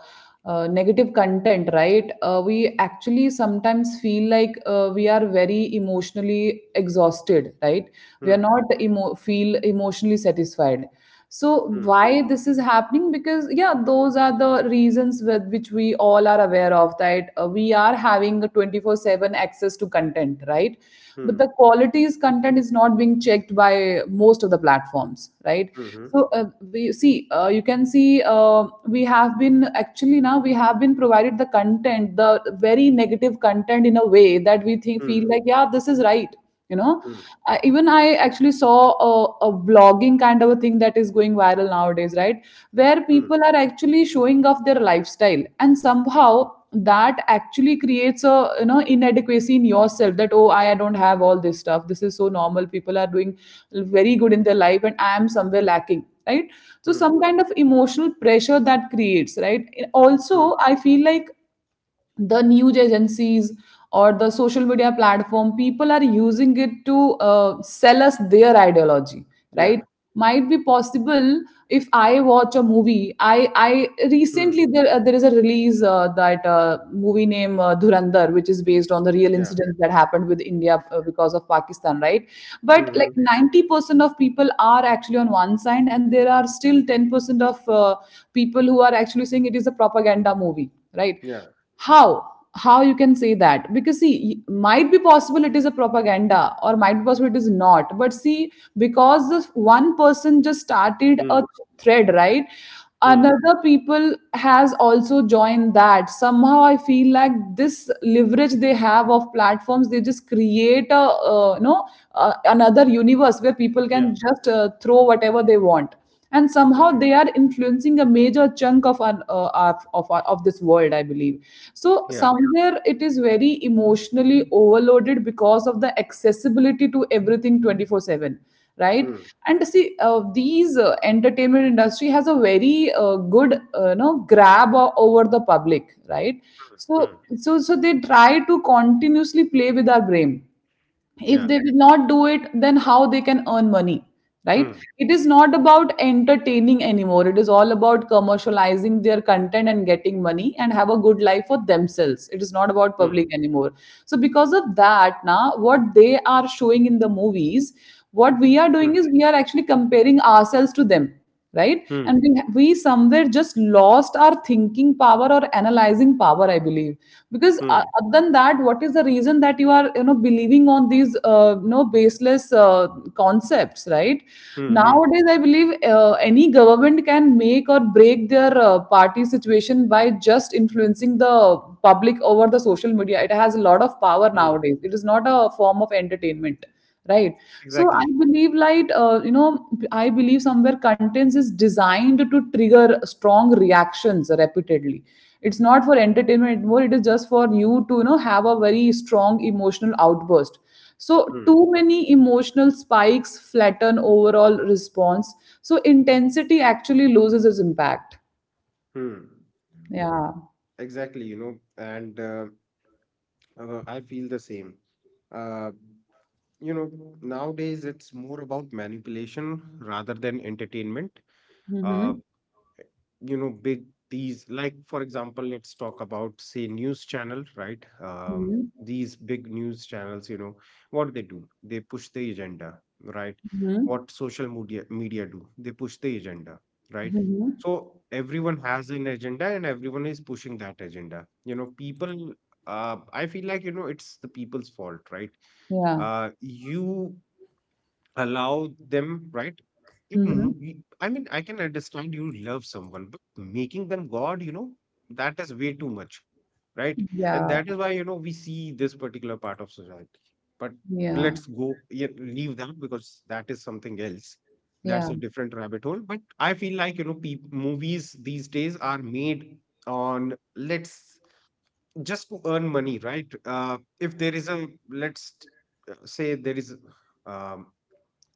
[SPEAKER 1] negative content, right? We actually sometimes feel like we are very emotionally exhausted, right? We are
[SPEAKER 2] Hmm.
[SPEAKER 1] not feel emotionally satisfied. So
[SPEAKER 2] Hmm.
[SPEAKER 1] why this is happening? Because yeah, those are the reasons with which we all are aware of that we are having a 24/7 access to content, right? But the
[SPEAKER 2] Hmm.
[SPEAKER 1] quality's content is not being checked by most of the platforms, right?
[SPEAKER 2] Hmm.
[SPEAKER 1] So we see, you can see, we have been actually now we have been provided the content, the very negative content, in a way that we think feel
[SPEAKER 2] Hmm.
[SPEAKER 1] like yeah, this is right, you know.
[SPEAKER 2] Hmm.
[SPEAKER 1] Even I actually saw a, a vlogging kind of a thing that is going viral nowadays, right? Where
[SPEAKER 2] Hmm. Hmm.
[SPEAKER 1] people are actually showing off their lifestyle, and somehow that actually creates a you know inadequacy in yourself that oh, I don't have all this stuff, this is so normal, people are doing very good in their life and I am somewhere lacking, right? So
[SPEAKER 2] Hmm.
[SPEAKER 1] some kind of emotional pressure that creates, right?
[SPEAKER 2] Hmm,
[SPEAKER 1] Also I feel like the news agencies or the social media platform people are using it to sell us their ideology, right?
[SPEAKER 2] yeah.
[SPEAKER 1] Might be possible. If I watch a movie, I recently,
[SPEAKER 2] Hmm.
[SPEAKER 1] there is a release, that movie name Dhurandhar, which is based on the real
[SPEAKER 2] Yeah.
[SPEAKER 1] incidents that happened with India because of Pakistan, right?
[SPEAKER 2] Hmm.
[SPEAKER 1] But
[SPEAKER 2] Hmm,
[SPEAKER 1] like 90% of people are actually on one side, and there are still 10% of people who are actually saying it is a propaganda movie, right?
[SPEAKER 2] yeah.
[SPEAKER 1] how how you can say that? Because see, might be possible it is a propaganda or might be possible it is not, but see, because this one person just started
[SPEAKER 2] Hmm.
[SPEAKER 1] a thread, right?
[SPEAKER 2] Hmm.
[SPEAKER 1] Another people has also joined that, somehow I feel like this leverage they have of platforms, they just create a another universe where people
[SPEAKER 2] Yeah.
[SPEAKER 1] can just throw whatever they want, and
[SPEAKER 2] Yeah.
[SPEAKER 1] somehow they are influencing a major chunk of our, of of this world, I believe. So
[SPEAKER 2] Yeah.
[SPEAKER 1] somewhere it is very emotionally overloaded because of the accessibility to everything 24/7, right?
[SPEAKER 2] Hmm.
[SPEAKER 1] And see, these entertainment industry has a very good grab over the public, right?
[SPEAKER 2] Hmm. Hmm.
[SPEAKER 1] So so they try to continuously play with our brain. If
[SPEAKER 2] Yeah.
[SPEAKER 1] they will not do it, then how they can earn money, right?
[SPEAKER 2] Hmm.
[SPEAKER 1] It is not about entertaining anymore, it is all about commercializing their content and getting money and have a good life for themselves. It is not about
[SPEAKER 2] Hmm.
[SPEAKER 1] public anymore. So because of that, now what they are showing in the movies, what we are doing
[SPEAKER 2] Hmm.
[SPEAKER 1] is we are actually comparing ourselves to them, right?
[SPEAKER 2] Hmm.
[SPEAKER 1] And we somewhere just lost our thinking power or analyzing power, I believe. Because
[SPEAKER 2] Hmm.
[SPEAKER 1] other than that, what is the reason that you are you know believing on these baseless concepts, right?
[SPEAKER 2] Hmm. Hmm.
[SPEAKER 1] Nowadays, I believe any government can make or break their party situation by just influencing the public over the social media. It has a lot of power
[SPEAKER 2] Hmm.
[SPEAKER 1] nowadays. It is not a form of entertainment, right? So I
[SPEAKER 2] Exactly.
[SPEAKER 1] believe, like I believe somewhere contents is designed to trigger strong reactions repeatedly. It's not for entertainment anymore. It is just for you to you know have a very strong emotional outburst. So,
[SPEAKER 2] Hmm.
[SPEAKER 1] too many emotional spikes flatten overall response. So, intensity actually loses its impact.
[SPEAKER 2] Hmm.
[SPEAKER 1] Yeah.
[SPEAKER 2] Exactly, and I feel the same. Uh, you know, nowadays it's more about manipulation rather than entertainment. Uh,
[SPEAKER 1] Mm-hmm.
[SPEAKER 2] big these like, for example, let's talk about, say, news channel, right?
[SPEAKER 1] Mm-hmm.
[SPEAKER 2] These big news channels, what they do, they push the agenda, right?
[SPEAKER 1] Mm-hmm.
[SPEAKER 2] What social media do, they push the agenda, right?
[SPEAKER 1] Mm-hmm.
[SPEAKER 2] So everyone has an agenda and everyone is pushing that agenda, people, I feel like, it's the people's fault, right?
[SPEAKER 1] Yeah.
[SPEAKER 2] You allow them, right?
[SPEAKER 1] Mm-hmm.
[SPEAKER 2] I mean, I can understand you love someone, but making them God, that is way too much, right? And
[SPEAKER 1] Yeah.
[SPEAKER 2] that is why, we see this particular part of society. But
[SPEAKER 1] Yeah.
[SPEAKER 2] let's go, yeah, leave that, because that is something else.
[SPEAKER 1] Yeah.
[SPEAKER 2] That's a different rabbit hole. But I feel like, peop movies these days are made on, let's just to earn money, right? If there is a, let's say there is, um,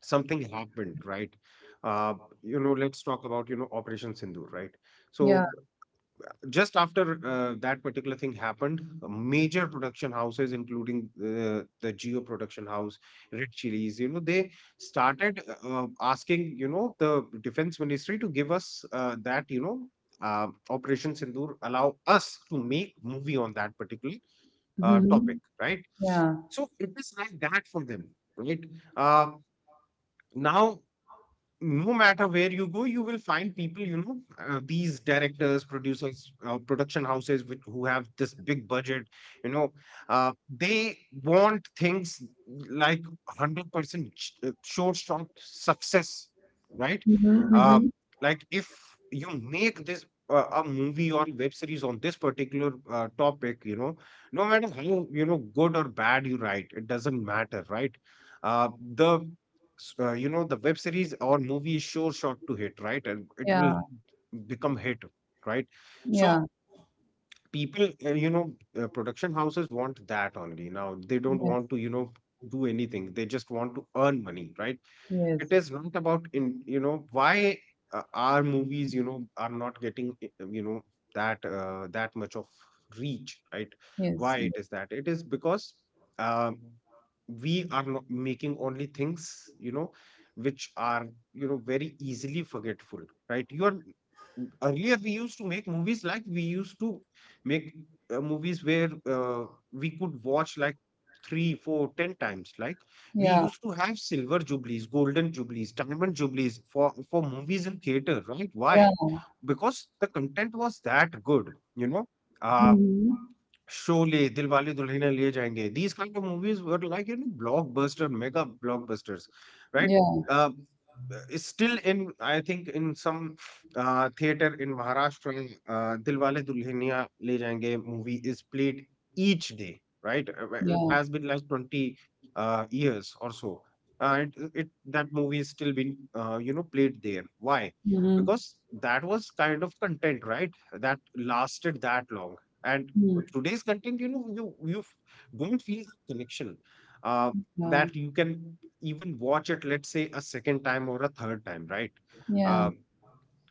[SPEAKER 2] something happened, right? uh, let's talk about, Operation Sindoor, right?
[SPEAKER 1] Yeah.
[SPEAKER 2] So just after that particular thing happened, major production houses, including the Geo production house, Red Chilies, they started asking, the defense ministry to give us, that you know Operation Sindoor, allow us to make movie on that particular
[SPEAKER 1] Mm-hmm.
[SPEAKER 2] topic, right?
[SPEAKER 1] Yeah.
[SPEAKER 2] So it is like that for them, right? Uh, now no matter where you go, you will find people, these directors, producers, production houses who have this big budget, you know, they want things like 100% sure shot success, right?
[SPEAKER 1] Mm-hmm.
[SPEAKER 2] Uh,
[SPEAKER 1] Mm-hmm.
[SPEAKER 2] like if you make this a movie or web series on this particular topic, no matter how, good or bad you write, it doesn't matter, right? Uh, the s- you know the web series or movie is sure shot to hit, right? And it will
[SPEAKER 1] Yeah.
[SPEAKER 2] become hit, right? So
[SPEAKER 1] Yeah.
[SPEAKER 2] people, production houses want that only. Now they don't
[SPEAKER 1] Yes.
[SPEAKER 2] want to, do anything, they just want to earn money, right? It
[SPEAKER 1] Yes.
[SPEAKER 2] is not about, in you know why our movies, are not getting, that that much of reach, right?
[SPEAKER 1] Yes.
[SPEAKER 2] Why
[SPEAKER 1] Yes.
[SPEAKER 2] it is that? It is because, um, we are not making only things, you know which are, very easily forgetful, right? You are earlier we used to make movies, like, we used to make movies where, we could watch like three four ten times, like we
[SPEAKER 1] Yeah.
[SPEAKER 2] used to have silver jubilees, golden jubilees, diamond jubilees for, movies and theater, right? Why?
[SPEAKER 1] Yeah.
[SPEAKER 2] Because the content was that good, you know. Uh,
[SPEAKER 1] Mm-hmm.
[SPEAKER 2] Sholay, Dilwale Dulhania Le Jayenge. These kind of movies were like, you know, blockbuster, mega blockbusters, right?
[SPEAKER 1] Yeah.
[SPEAKER 2] Um, is still in, I think, in some theater in Maharashtra, Dilwale Dulhania Le Jayenge movie is played each day, right? Well, it
[SPEAKER 1] Yeah.
[SPEAKER 2] has been like 20 years or so. It, it that movie is still being, played there. Why?
[SPEAKER 1] Mm-hmm.
[SPEAKER 2] Because that was kind of content, right? That lasted that long, and
[SPEAKER 1] Mm-hmm.
[SPEAKER 2] today's content, don't feel the connection, uh,
[SPEAKER 1] Yeah.
[SPEAKER 2] that you can even watch it, let's say, a second time or a third time, right?
[SPEAKER 1] Yeah.
[SPEAKER 2] Uh,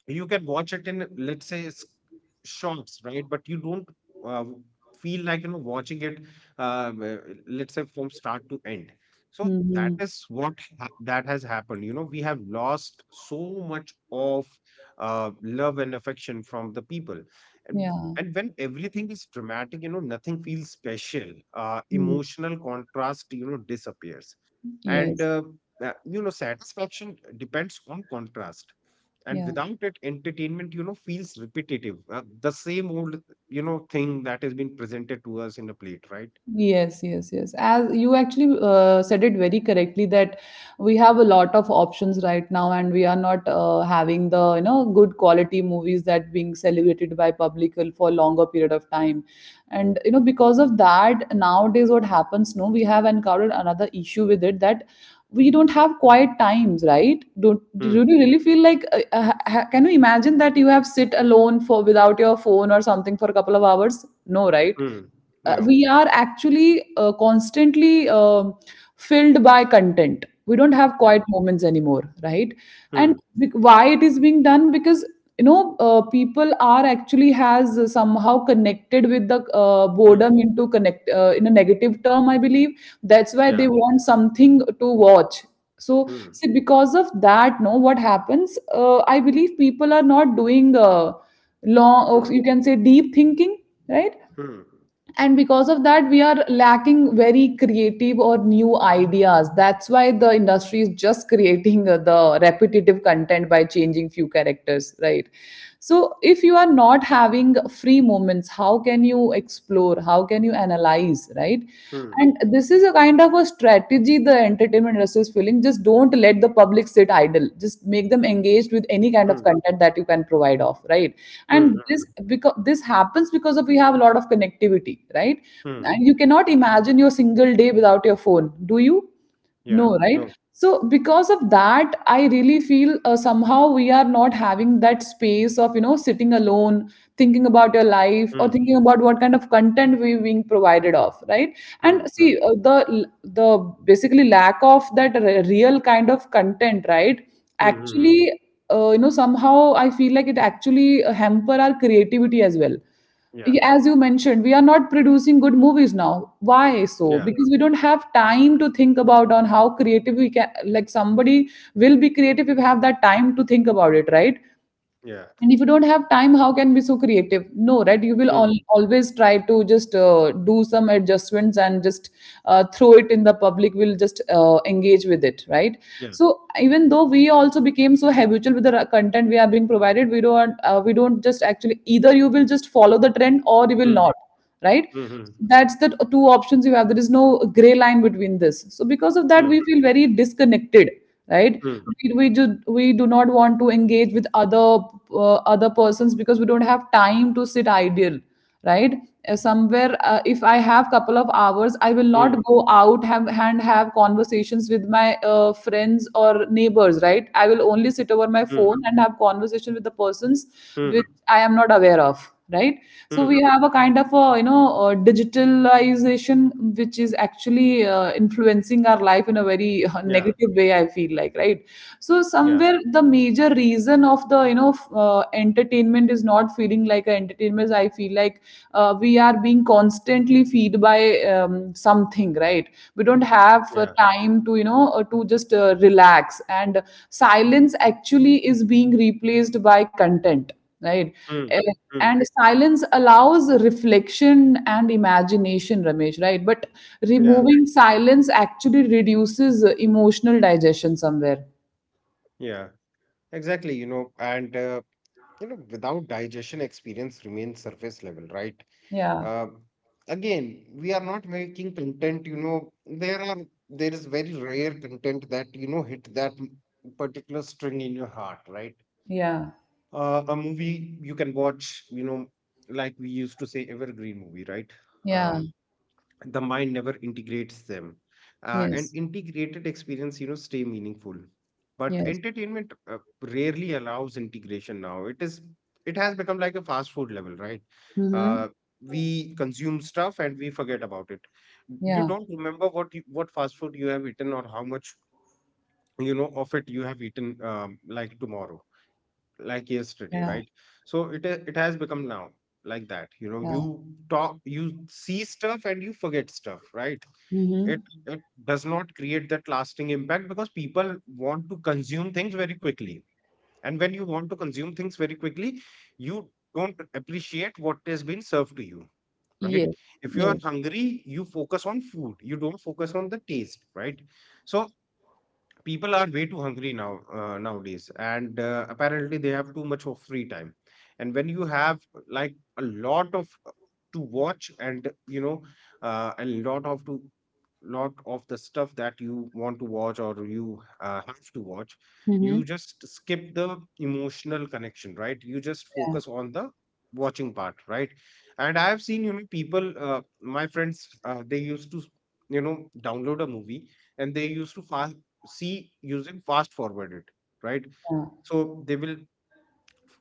[SPEAKER 2] you can watch it in, let's say, shots, right? But you don't uh, w- feel like watching it, uh, uh, let's say, from start to end. So that
[SPEAKER 1] Mm-hmm.
[SPEAKER 2] is that has happened. We have lost so much of love and affection from the people. and,
[SPEAKER 1] Yeah.
[SPEAKER 2] and when everything is dramatic, nothing feels special. uh,
[SPEAKER 1] Mm-hmm.
[SPEAKER 2] emotional contrast disappears. and
[SPEAKER 1] Yes,
[SPEAKER 2] uh, uh, you know satisfaction depends on contrast. And
[SPEAKER 1] yeah,
[SPEAKER 2] without it, entertainment feels repetitive, the same old thing that has been presented to us in a plate, right?
[SPEAKER 1] yes, yes, yes. As you actually said it very correctly that we have a lot of options right now, and we are not having the you know good quality movies that being celebrated by public for longer period of time, and you know because of that nowadays what happens? No, we have encountered another issue with it that we don't have quiet times, right? Don't do you
[SPEAKER 2] Hmm.
[SPEAKER 1] really feel like can you imagine that you have sit alone for without your phone or something for a couple of hours? No, right?
[SPEAKER 2] Hmm. No.
[SPEAKER 1] We are actually constantly filled by content. We don't have
[SPEAKER 2] Yeah.
[SPEAKER 1] quiet moments anymore, right?
[SPEAKER 2] Hmm.
[SPEAKER 1] Why it is being done? Because people are actually has somehow connected with the
[SPEAKER 2] Hmm.
[SPEAKER 1] boredom into connect in a negative term, I believe. That's why
[SPEAKER 2] Yeah.
[SPEAKER 1] they want something to watch. So
[SPEAKER 2] Hmm.
[SPEAKER 1] see, because of that, no, what happens? I believe people are not doing long,
[SPEAKER 2] Hmm.
[SPEAKER 1] you can say, deep thinking, right?
[SPEAKER 2] Hmm.
[SPEAKER 1] And because of that, we are lacking very creative or new ideas. That's why the industry is just creating the repetitive content by changing few characters, right? So if you are not having free moments, how can you explore? How can you analyze, right?
[SPEAKER 2] Hmm.
[SPEAKER 1] And this is a kind of a strategy the entertainment industry is feeling. Just don't let the public sit idle, just make them engaged with any kind of
[SPEAKER 2] Hmm.
[SPEAKER 1] content that you can provide of, right?
[SPEAKER 2] Hmm.
[SPEAKER 1] And
[SPEAKER 2] Hmm.
[SPEAKER 1] this, because this happens because of we have a lot of connectivity, right?
[SPEAKER 2] Hmm.
[SPEAKER 1] And you cannot imagine your single day without your phone, do you?
[SPEAKER 2] Yeah.
[SPEAKER 1] No, right?
[SPEAKER 2] No.
[SPEAKER 1] So because of that, I really feel somehow we are not having that space of, you know, sitting alone, thinking about your life or
[SPEAKER 2] Hmm.
[SPEAKER 1] thinking about what kind of content we being provided of, right? And
[SPEAKER 2] Hmm.
[SPEAKER 1] see,
[SPEAKER 2] Hmm.
[SPEAKER 1] the basically lack of that real kind of content, right?
[SPEAKER 2] Hmm. Hmm. Hmm.
[SPEAKER 1] Actually, you know, somehow I feel like it actually hamper our creativity as well.
[SPEAKER 2] Yeah,
[SPEAKER 1] As you mentioned, we are not producing good movies now. Why so?
[SPEAKER 2] yeah,
[SPEAKER 1] Because we don't have time to think about on how creative we can, like, somebody will be creative if we have that time to think about it, right?
[SPEAKER 2] yeah.
[SPEAKER 1] And if you don't have time, how can be so creative? No, right? You will
[SPEAKER 2] Hmm.
[SPEAKER 1] always try to just do some adjustments and just throw it in the public. Will just engage with it, right?
[SPEAKER 2] Yeah.
[SPEAKER 1] So even though we also became so habitual with the content we are being provided, we don't just actually, either you will just follow the trend or you will
[SPEAKER 2] Hmm.
[SPEAKER 1] not, right?
[SPEAKER 2] Hmm. Hmm.
[SPEAKER 1] That's the two options you have. There is no gray line between this. So because of that, we
[SPEAKER 2] Hmm.
[SPEAKER 1] feel very disconnected, right?
[SPEAKER 2] Hmm.
[SPEAKER 1] We do we do not want to engage with other other persons because we don't have time to sit idle, right? Somewhere, if I have couple of hours, I will
[SPEAKER 2] Hmm.
[SPEAKER 1] not go out have, and have conversations with my friends or neighbors, right? I will only sit over my
[SPEAKER 2] Hmm.
[SPEAKER 1] phone and have conversation with the persons which
[SPEAKER 2] Hmm.
[SPEAKER 1] I am not aware of, right? So we
[SPEAKER 2] Hmm.
[SPEAKER 1] have a kind of a, you know, a digitalization which is actually influencing our life in a very
[SPEAKER 2] Yeah,
[SPEAKER 1] negative way, I feel like, right? So
[SPEAKER 2] yeah,
[SPEAKER 1] somewhere the major reason of the, you know, entertainment is not feeling like an entertainment, I feel like. Uh, we are being constantly feed by something, right? We don't have
[SPEAKER 2] yeah.
[SPEAKER 1] time to, to just relax and silence actually is being replaced by content, right?
[SPEAKER 2] Hmm.
[SPEAKER 1] Eh,
[SPEAKER 2] Hmm.
[SPEAKER 1] And silence allows reflection and imagination, Ramesh, right? But
[SPEAKER 2] Yeah.
[SPEAKER 1] removing silence actually reduces emotional digestion somewhere.
[SPEAKER 2] Yeah. Exactly. And without digestion, experience remains surface level, right?
[SPEAKER 1] Yeah,
[SPEAKER 2] Uh, Again, we are not making content. There are there is very rare content that hit that particular string in your heart, right?
[SPEAKER 1] yeah,
[SPEAKER 2] A movie you can watch, like we used to say, evergreen movie, right?
[SPEAKER 1] yeah,
[SPEAKER 2] Um, the mind never integrates them and
[SPEAKER 1] yes,
[SPEAKER 2] integrated experience stay meaningful, but
[SPEAKER 1] yes.
[SPEAKER 2] entertainment rarely allows integration. Now it has become like a fast food level, right?
[SPEAKER 1] Mm-hmm.
[SPEAKER 2] Uh, we consume stuff and we forget about it. You
[SPEAKER 1] Yeah,
[SPEAKER 2] don't remember what fast food you have eaten or how much of it you have eaten, like tomorrow, like yesterday,
[SPEAKER 1] yeah,
[SPEAKER 2] right? So it has become now like that.
[SPEAKER 1] yeah.
[SPEAKER 2] You talk, you see stuff, and you forget stuff, right? it
[SPEAKER 1] Mm-hmm.
[SPEAKER 2] it does not create that lasting impact because people want to consume things very quickly. And when you want to consume things very quickly, you don't appreciate what has been served to you, right?
[SPEAKER 1] Yes,
[SPEAKER 2] If you are
[SPEAKER 1] yes.
[SPEAKER 2] hungry you focus on food, you don't focus on the taste, right? So people are way too hungry now nowadays, and apparently they have too much of free time. And when you have, like, a lot of to watch, and a lot of, to lot of the stuff that you want to watch or you have to watch,
[SPEAKER 1] Mm-hmm.
[SPEAKER 2] you just skip the emotional connection, right? You just
[SPEAKER 1] Yeah,
[SPEAKER 2] focus on the watching part, right? And I have seen, people, my friends, they used to, you know download a movie, and they used to fast see using fast forwarded, right?
[SPEAKER 1] yeah,
[SPEAKER 2] So they will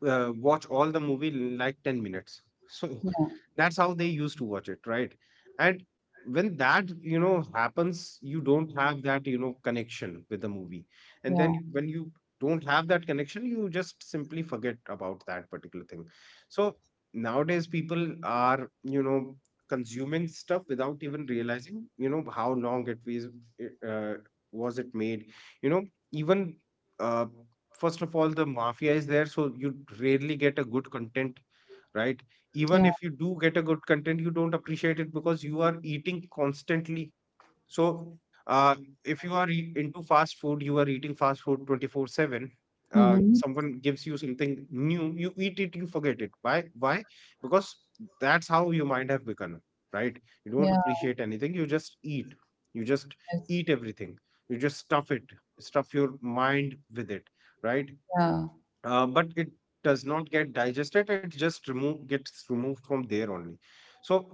[SPEAKER 2] watch all the movie in like 10 minutes, so
[SPEAKER 1] yeah,
[SPEAKER 2] that's how they used to watch it, right? And when that happens, you don't have that connection with the movie. And
[SPEAKER 1] yeah,
[SPEAKER 2] then when you don't have that connection, you just simply forget about that particular thing. So nowadays people are, consuming stuff without even realizing how long it was, uh, was it made, you know even, uh, first of all, the mafia is there, so you rarely get a good content, right? Even
[SPEAKER 1] yeah.
[SPEAKER 2] if you do get a good content, you don't appreciate it because you are eating constantly. So uh, if you are into fast food, you are eating fast food 24/7. uh,
[SPEAKER 1] Mm-hmm.
[SPEAKER 2] someone gives you something new, you eat it, you forget it. Why? Because that's how your mind have become, right? You don't
[SPEAKER 1] Yeah,
[SPEAKER 2] appreciate anything, You just
[SPEAKER 1] yes,
[SPEAKER 2] eat everything, you just stuff it, stuff your mind with it, right?
[SPEAKER 1] yeah.
[SPEAKER 2] But it does not get digested, it just remove gets removed from there only. So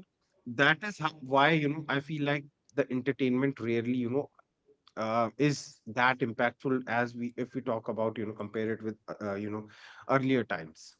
[SPEAKER 2] that is how, why I feel like the entertainment rarely is that impactful, as we if we talk about, compare it with, earlier times.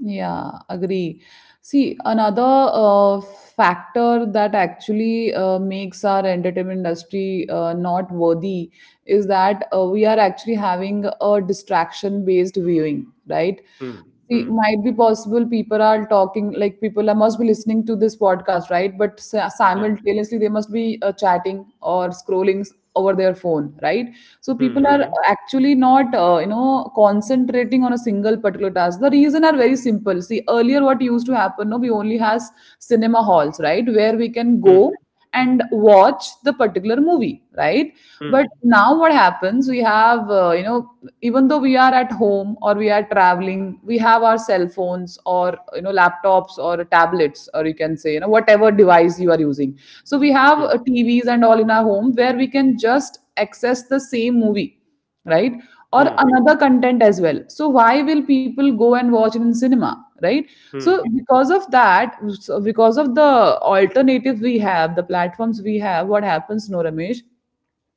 [SPEAKER 1] Yeah, agree. See, another factor that actually makes our entertainment industry not worthy is that we are actually having a distraction based viewing, right?
[SPEAKER 2] Hmm.
[SPEAKER 1] See,
[SPEAKER 2] Hmm.
[SPEAKER 1] might be possible people are talking, like must be listening to this podcast, right? But
[SPEAKER 2] Yeah.
[SPEAKER 1] simultaneously, they must be chatting or scrolling over their phone, right? So people are
[SPEAKER 2] Hmm.
[SPEAKER 1] actually not, you know, concentrating on a single particular task. The reason are very simple. See, earlier what used to happen, no, we only has cinema halls, right, where we can
[SPEAKER 2] Hmm.
[SPEAKER 1] go and watch the particular movie, right? But
[SPEAKER 2] Hmm.
[SPEAKER 1] now what happens? We have, you know, even though we are at home or we are traveling, we have our cell phones or, you know, laptops or tablets or you can say, you know, whatever device you are using. So we have
[SPEAKER 2] Hmm.
[SPEAKER 1] TVs and all in our home where we can just access the same movie, right, or
[SPEAKER 2] Hmm.
[SPEAKER 1] another content as well. So why will people go and watch it in cinema, right? So
[SPEAKER 2] Hmm.
[SPEAKER 1] because of that, because of the alternatives we have, the platforms we have, what happens, no, Ramesh?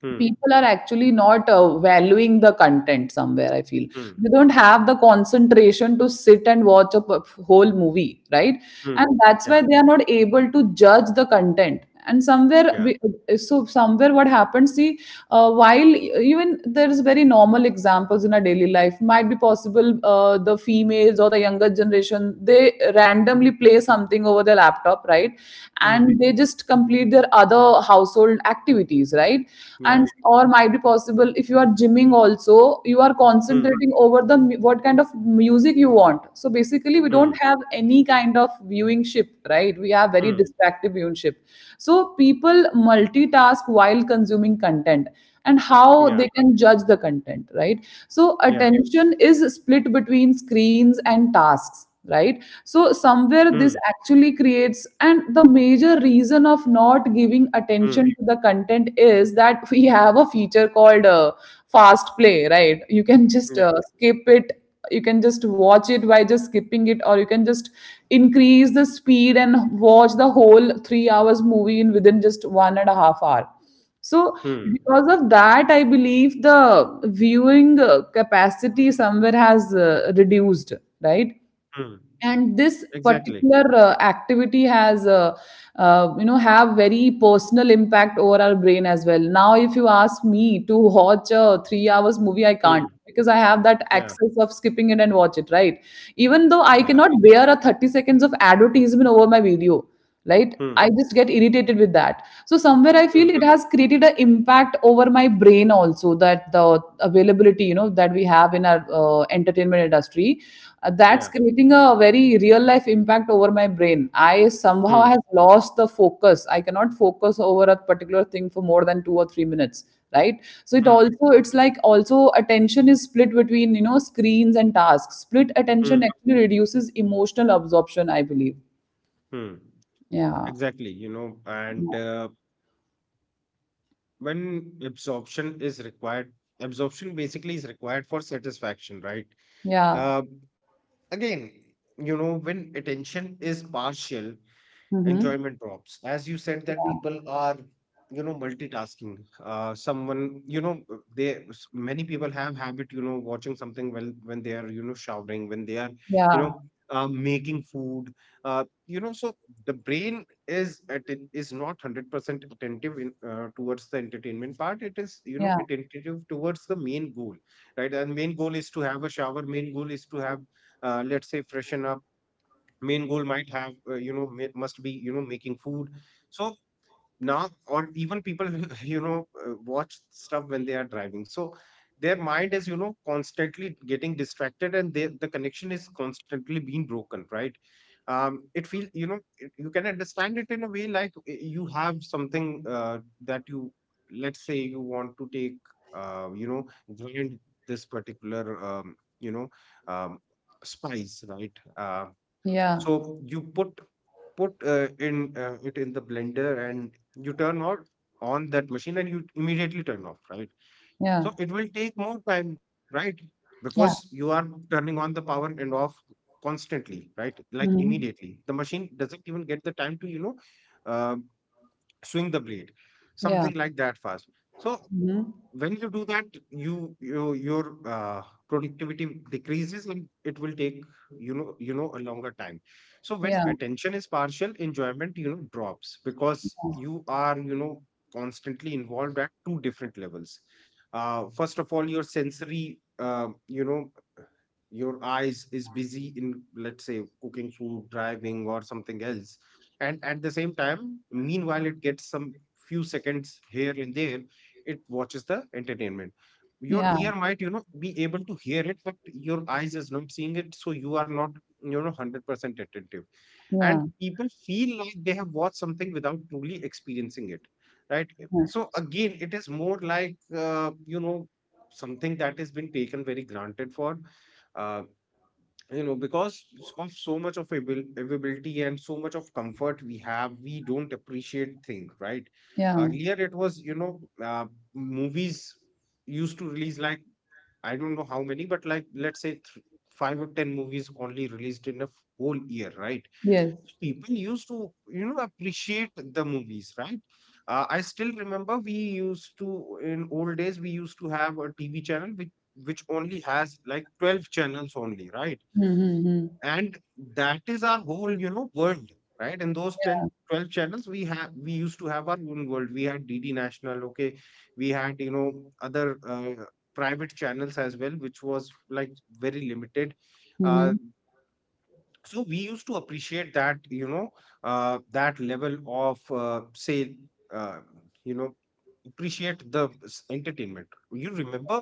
[SPEAKER 2] Hmm.
[SPEAKER 1] People are actually not valuing the content, somewhere I feel.
[SPEAKER 2] Hmm. Hmm.
[SPEAKER 1] They don't have the concentration to sit and watch a whole movie, right?
[SPEAKER 2] Hmm.
[SPEAKER 1] And that's
[SPEAKER 2] Yeah.
[SPEAKER 1] why they are not able to judge the content. And
[SPEAKER 2] Yeah.
[SPEAKER 1] so somewhere what happens, see, while even there's very normal examples in our daily life. Might be possible the females or the younger generation, they randomly play something over their laptop, right,
[SPEAKER 2] Hmm.
[SPEAKER 1] and they just complete with their other household activities, right? And
[SPEAKER 2] Yeah.
[SPEAKER 1] or might be possible if you are gymming also, you are
[SPEAKER 2] Hmm.
[SPEAKER 1] concentrating over the what kind of music you want. So basically we don't
[SPEAKER 2] Hmm.
[SPEAKER 1] have any kind of viewingship, right? We have very
[SPEAKER 2] Hmm.
[SPEAKER 1] distractive viewingship. So people multitask while consuming content, and
[SPEAKER 2] Yeah.
[SPEAKER 1] how they can judge the content, right? So
[SPEAKER 2] Yeah.
[SPEAKER 1] attention is split between screens and tasks, right? So somewhere
[SPEAKER 2] Hmm.
[SPEAKER 1] this actually creates, and the major reason of not giving
[SPEAKER 2] Hmm.
[SPEAKER 1] attention to the content is that we have a feature called fast play, right? You can just
[SPEAKER 2] Yeah.
[SPEAKER 1] skip it. You can just watch it by just skipping it, or you can just increase the speed and watch the whole 3 hours movie in within just 1.5 hours. So
[SPEAKER 2] Hmm.
[SPEAKER 1] because of that, I believe the viewing capacity somewhere has reduced, right?
[SPEAKER 2] Hmm.
[SPEAKER 1] And this
[SPEAKER 2] Exactly.
[SPEAKER 1] particular activity has you know, have very personal impact over our brain as well. Now if you ask me to watch a 3 hours movie, I can't,
[SPEAKER 2] Hmm.
[SPEAKER 1] because I have that
[SPEAKER 2] Yeah.
[SPEAKER 1] access of skipping it and watch it, right? Even though I
[SPEAKER 2] Yeah.
[SPEAKER 1] cannot bear a 30 seconds of advertisement over my video, right?
[SPEAKER 2] Hmm.
[SPEAKER 1] I just get irritated with that. So somewhere I feel
[SPEAKER 2] Hmm.
[SPEAKER 1] it has created an impact over my brain also, that the availability, you know, that we have in our entertainment industry, that's
[SPEAKER 2] Yeah.
[SPEAKER 1] creating a very real life impact over my brain. I somehow has
[SPEAKER 2] Hmm.
[SPEAKER 1] lost the focus. I cannot focus over a particular thing for more than 2 or 3 minutes, right? So it
[SPEAKER 2] Hmm.
[SPEAKER 1] also, it's like, also attention is split between, you know, screens and tasks. Split attention
[SPEAKER 2] Hmm.
[SPEAKER 1] actually reduces emotional absorption, I believe.
[SPEAKER 2] Hmm.
[SPEAKER 1] Yeah.
[SPEAKER 2] Exactly. You know, and When absorption is required, absorption basically is required for satisfaction, right?
[SPEAKER 1] Yeah.
[SPEAKER 2] Uh, Again, when attention is partial,
[SPEAKER 1] Mhm.
[SPEAKER 2] enjoyment drops, as you said, that
[SPEAKER 1] Yeah.
[SPEAKER 2] people are multitasking. Someone, many people have habit, watching something well when they are, showering, when they are, you know making food, so the brain is not 100% attentive in towards the entertainment part. It is
[SPEAKER 1] Yeah.
[SPEAKER 2] attentive towards the main goal, right. And main goal is to have a shower, main goal is to have, let's say, freshen up. Main goal might have, must be, making food. So now, or even people watch stuff when they are driving, so their mind is, constantly getting distracted, and the connection is constantly being broken, right. It feel you know it, You can understand it in a way like, you have something, that you, let's say, you want to take, uh, you know grind this particular, um, spice, right?
[SPEAKER 1] Yeah.
[SPEAKER 2] So you put put in it in the blender and you turn on that machine and you immediately turn off, right?
[SPEAKER 1] Yeah.
[SPEAKER 2] So it will take more time, right? Because
[SPEAKER 1] Yeah.
[SPEAKER 2] you are turning on the power and off constantly, right? Like
[SPEAKER 1] Mhm.
[SPEAKER 2] immediately. The machine doesn't even get the time to, um, swing the blade, something
[SPEAKER 1] Yeah.
[SPEAKER 2] like that fast. So
[SPEAKER 1] Mhm.
[SPEAKER 2] when you do that, your productivity decreases and it will take, a longer time. So when
[SPEAKER 1] Yeah.
[SPEAKER 2] attention is partial, enjoyment drops because you are constantly involved at two different levels. First of all, your sensory, your eyes is busy in, let's say, cooking food, driving, or something else. And at the same time, meanwhile, it gets some few seconds here and there, it watches the entertainment. Your
[SPEAKER 1] Yeah.
[SPEAKER 2] ear might be able to hear it, but your eyes is not seeing it, so you are not 100% attentive. And
[SPEAKER 1] Yeah.
[SPEAKER 2] people feel like they have watched something without truly experiencing it, right.
[SPEAKER 1] Yeah.
[SPEAKER 2] So again, it is more like, something that has been taken very granted for, uh, because of so much of availability and so much of comfort we don't appreciate things, right?
[SPEAKER 1] Yeah.
[SPEAKER 2] Earlier it was, movies used to release, like, I don't know how many, but like, let's say, 5 or 10 movies only released in a whole year, right?
[SPEAKER 1] Yes.
[SPEAKER 2] People used to appreciate the movies, right? I still remember, we used to, in old days, we used to have a TV channel which only has like 12 channels only, right?
[SPEAKER 1] Mhm.
[SPEAKER 2] And that is our whole world, right. In those 10, 12 channels we used to have our own world. We had DD National, okay. We had, other private channels as well, which was like very limited. uh,
[SPEAKER 1] Mhm.
[SPEAKER 2] so we used to appreciate that, that level of, say uh, you know appreciate the entertainment. You remember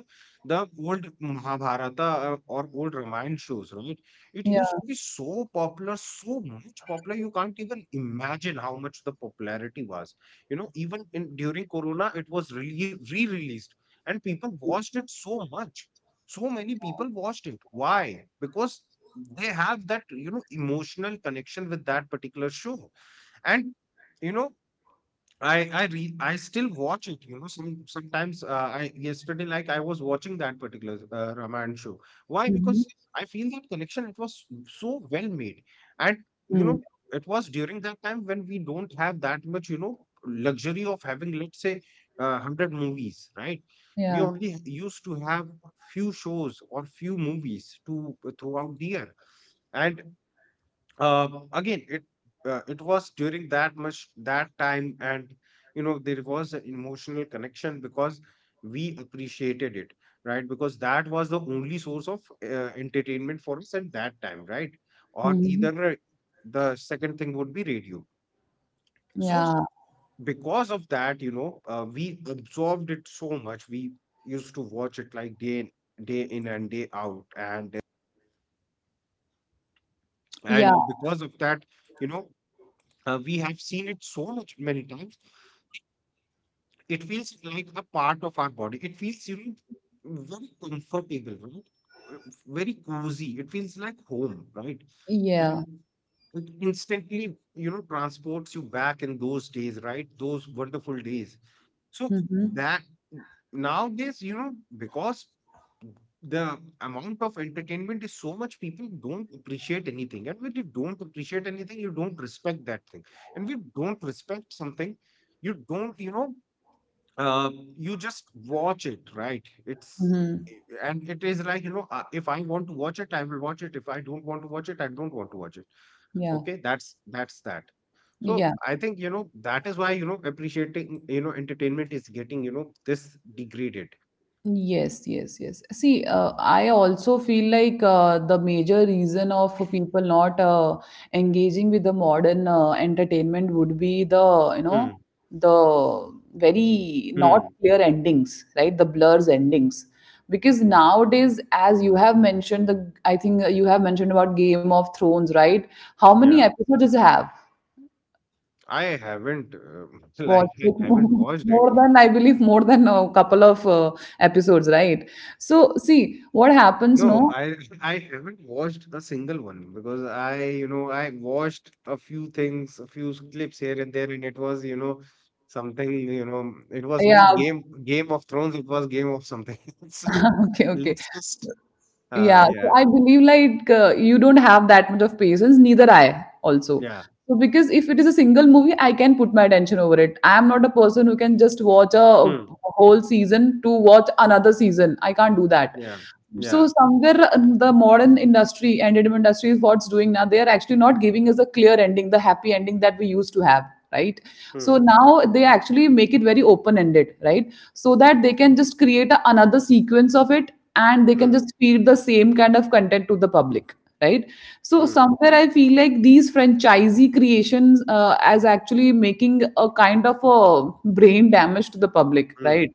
[SPEAKER 2] the old Mahabharata, or old Ramayana shows, right? It used
[SPEAKER 1] Yeah.
[SPEAKER 2] to be so popular, so much popular, you can't even imagine how much the popularity was. Even in during Corona it was really re-released, and people watched it so much. So many people watched it. Why? Because they have that emotional connection with that particular show. And you know I still watch it, sometimes. I yesterday, like, I was watching that particular Raman show. Why? Because
[SPEAKER 1] Mhm.
[SPEAKER 2] I feel that connection. It was so well made. And you know
[SPEAKER 1] Mhm.
[SPEAKER 2] it was during that time when we don't have that much luxury of having, let's say, 100 movies, right? We
[SPEAKER 1] Yeah.
[SPEAKER 2] only used to have few shows or few movies to throughout the year. And again, it was during that much that time, and there was an emotional connection because we appreciated it, right? Because that was the only source of entertainment for us at that time, right? Or
[SPEAKER 1] Mhm.
[SPEAKER 2] either, the second thing would be radio. So
[SPEAKER 1] Yeah.
[SPEAKER 2] because of that, we absorbed it so much. We used to watch it like day in and day out, and
[SPEAKER 1] Yeah.
[SPEAKER 2] and because of that, you know we have seen it so much many times. It feels like a part of our body. It feels, very comfortable, right? Uh, Very cozy. It feels like home, right?
[SPEAKER 1] Yeah.
[SPEAKER 2] And it instantly, transports you back in those days, right? Those wonderful days. So
[SPEAKER 1] Mhm.
[SPEAKER 2] that nowadays, because the amount of entertainment is so much, people don't appreciate anything. And when you don't appreciate anything, you don't respect that thing. And we don't respect something, you don't, uh, you just watch it, right? It's
[SPEAKER 1] Mhm.
[SPEAKER 2] and it is like, if I want to watch it, I will watch it. If I don't want to watch it, I don't want to watch it.
[SPEAKER 1] Yeah.
[SPEAKER 2] Okay, that's that. so
[SPEAKER 1] Yeah.
[SPEAKER 2] i think you know that is why appreciating entertainment is getting this degraded.
[SPEAKER 1] Yes, yes, yes. See, I also feel like the major reason of people not engaging with the modern entertainment would be the, you know,
[SPEAKER 2] Hmm.
[SPEAKER 1] the very not
[SPEAKER 2] Hmm.
[SPEAKER 1] clear endings, right? The blurs endings. Because nowadays, as you have mentioned, the I think you have mentioned about Game of Thrones, right? How many
[SPEAKER 2] Yeah,
[SPEAKER 1] episodes does it have?
[SPEAKER 2] I haven't like
[SPEAKER 1] Watched like
[SPEAKER 2] I haven't watched it.
[SPEAKER 1] more than, I believe more than a couple of episodes, right? So see what happens,
[SPEAKER 2] No,
[SPEAKER 1] no?
[SPEAKER 2] I I haven't watched a single one because I you know I watched a few things, a few clips here and there, and it was something, it was
[SPEAKER 1] Yeah.
[SPEAKER 2] not Game of Thrones, it was game of something. So
[SPEAKER 1] Okay, okay.
[SPEAKER 2] let's just uh
[SPEAKER 1] Yeah, so
[SPEAKER 2] yeah
[SPEAKER 1] I believe like you don't have that much of patience, neither I also.
[SPEAKER 2] yeah.
[SPEAKER 1] So because if it is a single movie, I can put my attention over it. I am not a person who can just watch a
[SPEAKER 2] Hmm.
[SPEAKER 1] whole season to watch another season. I can't do that.
[SPEAKER 2] Yeah,
[SPEAKER 1] So
[SPEAKER 2] yeah.
[SPEAKER 1] somewhere the modern industry, entertainment industry, is what's doing now. They are actually not giving us a clear ending, the happy ending that we used to have, right? So
[SPEAKER 2] Hmm.
[SPEAKER 1] now they actually make it very open ended, right? So that they can just create a, another sequence of it, and they can
[SPEAKER 2] Hmm.
[SPEAKER 1] just feed the same kind of content to the public, right? So
[SPEAKER 2] Hmm.
[SPEAKER 1] somewhere I feel like these franchisee creations as actually making a kind of a brain damage to the public,
[SPEAKER 2] Hmm.
[SPEAKER 1] right?